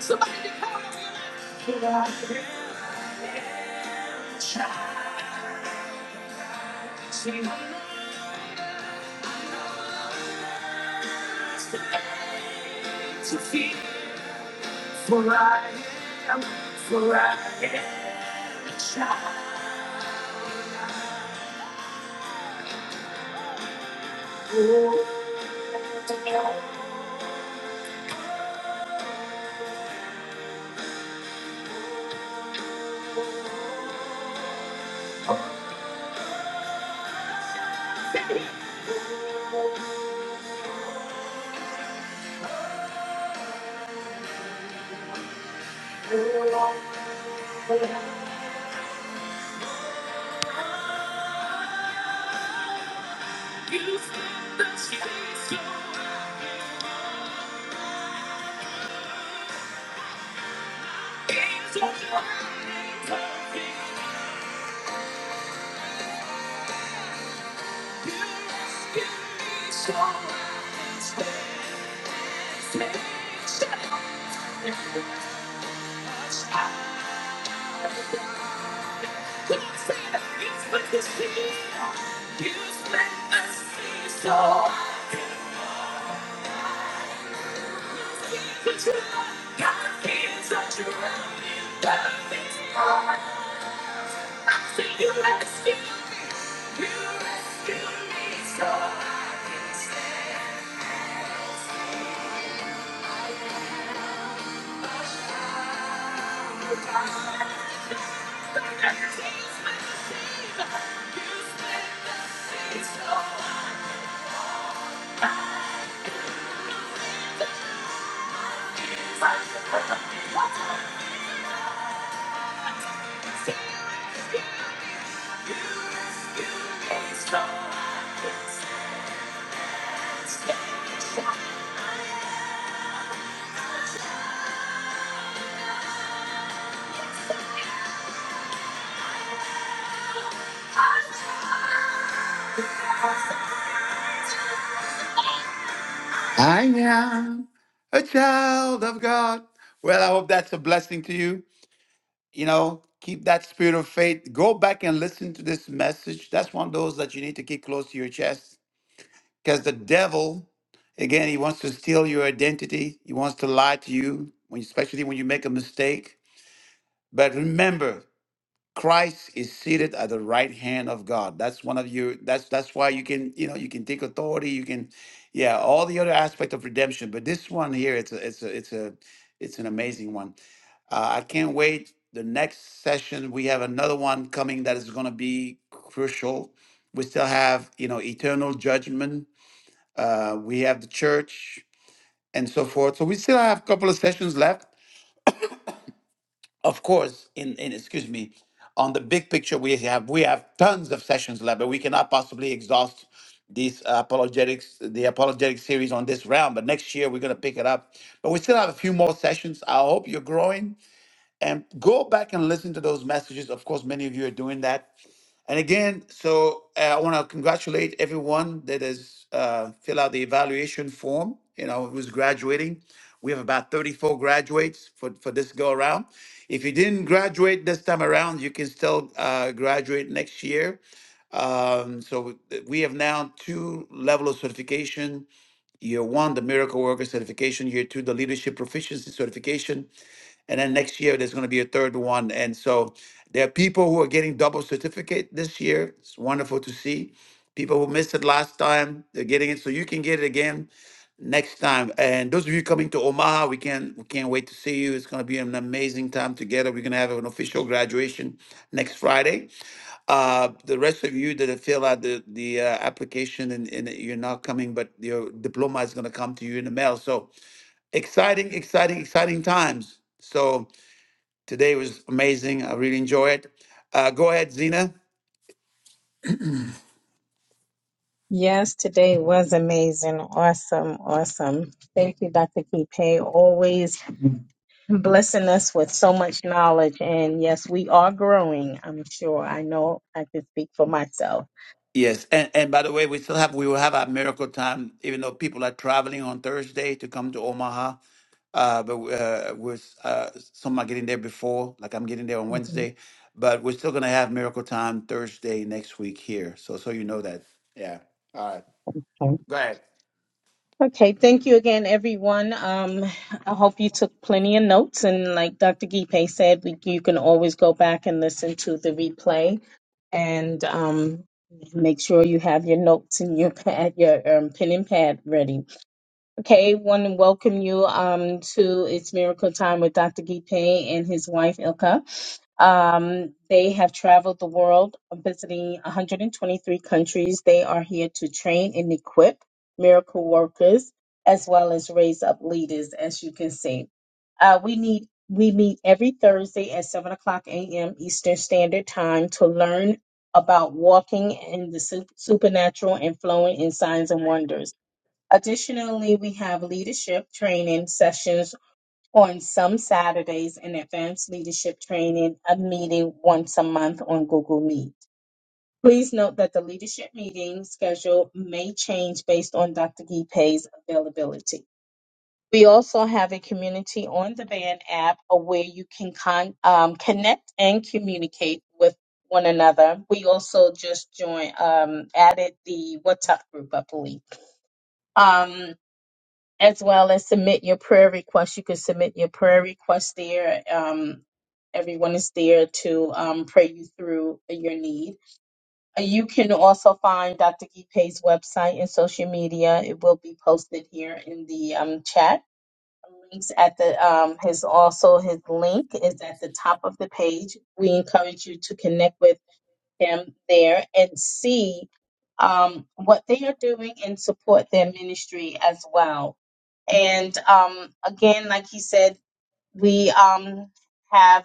Somebody call me. I am child. See, to feed, for I am, for I am a child. You said the chase is over. You rescue me, so I can stand. Stand, stand, a child. It's all, it's all, it's all, it's all. I am a child of God. Well, I hope that's a blessing to you. You know, keep that spirit of faith. Go back and listen to this message. That's one of those that you need to keep close to your chest because the devil, again, he wants to steal your identity. He wants to lie to you, when, especially when you make a mistake. But remember, Christ is seated at the right hand of God. That's one of your that's that's why you can, you know, you can take authority, you can yeah, all the other aspect of redemption, but this one here it's a, it's a, it's a it's an amazing one. Uh, I can't wait. The next session, we have another one coming that is going to be crucial. We still have, you know, eternal judgment. Uh, we have the church and so forth. So we still have a couple of sessions left of course, in, in excuse me, on the big picture, we have we have tons of sessions left, but we cannot possibly exhaust these uh, apologetics, the apologetic series on this round. But next year we're gonna pick it up. But we still have a few more sessions. I hope you're growing and go back and listen to those messages. Of course, many of you are doing that. And again, so uh, I want to congratulate everyone that has uh, filled out the evaluation form. You know, who's graduating? We have about 34 graduates for, for this go around. If you didn't graduate this time around, you can still uh, graduate next year. Um, so we we have now two level of certification. Year one, the miracle worker certification. Year two, the leadership proficiency certification and then next year there's going to be a third one and so there are people who are getting double certificate this year it's wonderful to see people who missed it last time they're getting it so you can get it again next time and those of you coming to omaha we can't we can't wait to see you it's going to be an amazing time together we're going to have an official graduation next friday uh, the rest of you that have filled out the the uh, application and, and you're not coming, but your diploma is going to come to you in the mail. So exciting, exciting, exciting times. So Today was amazing. I really enjoy it. Uh, go ahead, Zena.
Yes, today was amazing. Awesome. Awesome. Thank you, Dr. Kipe. Always blessing us with so much knowledge. And yes, we are growing, I'm sure. I know I can speak for myself.
Yes, and and by the way, we still have we will have our miracle time, even though people are traveling on Thursday to come to Omaha. Uh, but uh, we're uh, some are getting there before, like I'm getting there on
Mhm.
Wednesday. But we're still gonna have miracle time Thursday next week here. So so you know that. Yeah. All right.
Okay.
Go ahead.
Okay, thank you again, everyone. Um, I hope you took plenty of notes. And like Dr. Gipe said, we, you can always go back and listen to the replay and um, make sure you have your notes and your pad, your um, pen and pad ready Okay, want to welcome you um to It's Miracle Time with Dr. Guy and his wife Ilka. Um, they have traveled the world, visiting 123 countries. They are here to train and equip miracle workers as well as raise up leaders, as you can see. Uh, we need we meet every Thursday at 7 o'clock a.m. Eastern Standard Time to learn about walking in the sup- supernatural and flowing in signs and wonders. Additionally, we have leadership training sessions on some Saturdays and advanced leadership training, a meeting once a month on Google Meet. Please note that the leadership meeting schedule may change based on Dr. Gipe's availability. We also have a community on the band app uh, where you can con- um, connect and communicate with one another. We also just joined, um, added the WhatsApp group, I believe. Um, as well as submit your prayer requests. You can submit your prayer requests there. Um, everyone is there to um, pray you through your need. Uh, You can also find Dr. Gipe's website and social media. It will be posted here in the um, chat. Links at the um, his also his link is at the top of the page. We encourage you to connect with him there and see um, what they are doing and support their ministry as well and um, again, like he said, we um, have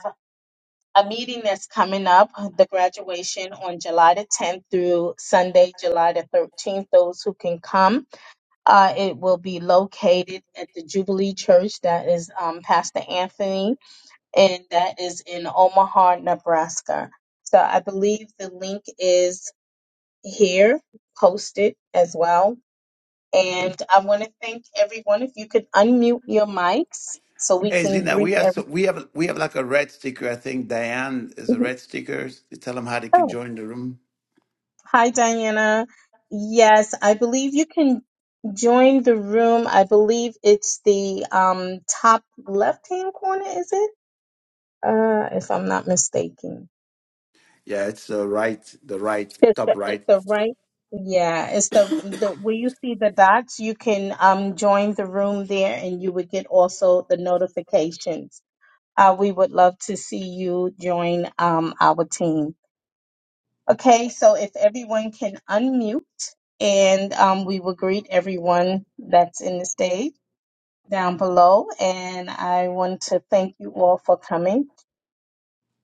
a meeting that's coming up, the graduation on July the 10th through Sunday, July the 13th. Those who can come, uh, it will be located at the Jubilee Church. That is um, Pastor Anthony, and that is in Omaha, Nebraska. So I believe the link is here posted as well and I want to thank everyone. If you could unmute your mics so we
Hey
can
Zena,
greet
we have so, we have we have like a red sticker. I think Diane is a
everyone.
red sticker. Tell them how they can
Oh,
join the room.
hi, Diana. Yes, I believe you can join the room. I believe it's the um, top left hand corner, is it? Uh, if I'm not mistaken.
Yeah, it's uh, right, the right,
It's
top
the, it's
right.
the right. Yeah, it's the the where you see the dots, you can um join the room there and you would get also the notifications. uh, we would love to see you join um, our team. Okay, so if everyone can unmute and um, we will greet everyone that's in the stage down below. And I want to thank you all for coming.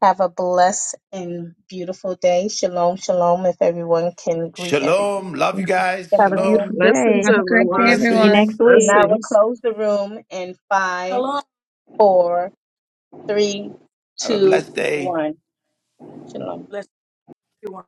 Have a blessed and beautiful day. Shalom, shalom. If everyone can greet everyone.
Shalom. Love you guys.
Have a beautiful
Shalom.
Shalom.
Blessings,
day.
Have a
And
great
I
day,
everyone.
See you next
everyone.
Blessings.
and
week.
I will
Blessings.
close the room in five,
Shalom.
four, three,
Have a
two,
blessed day.
one. Shalom.
Bless you.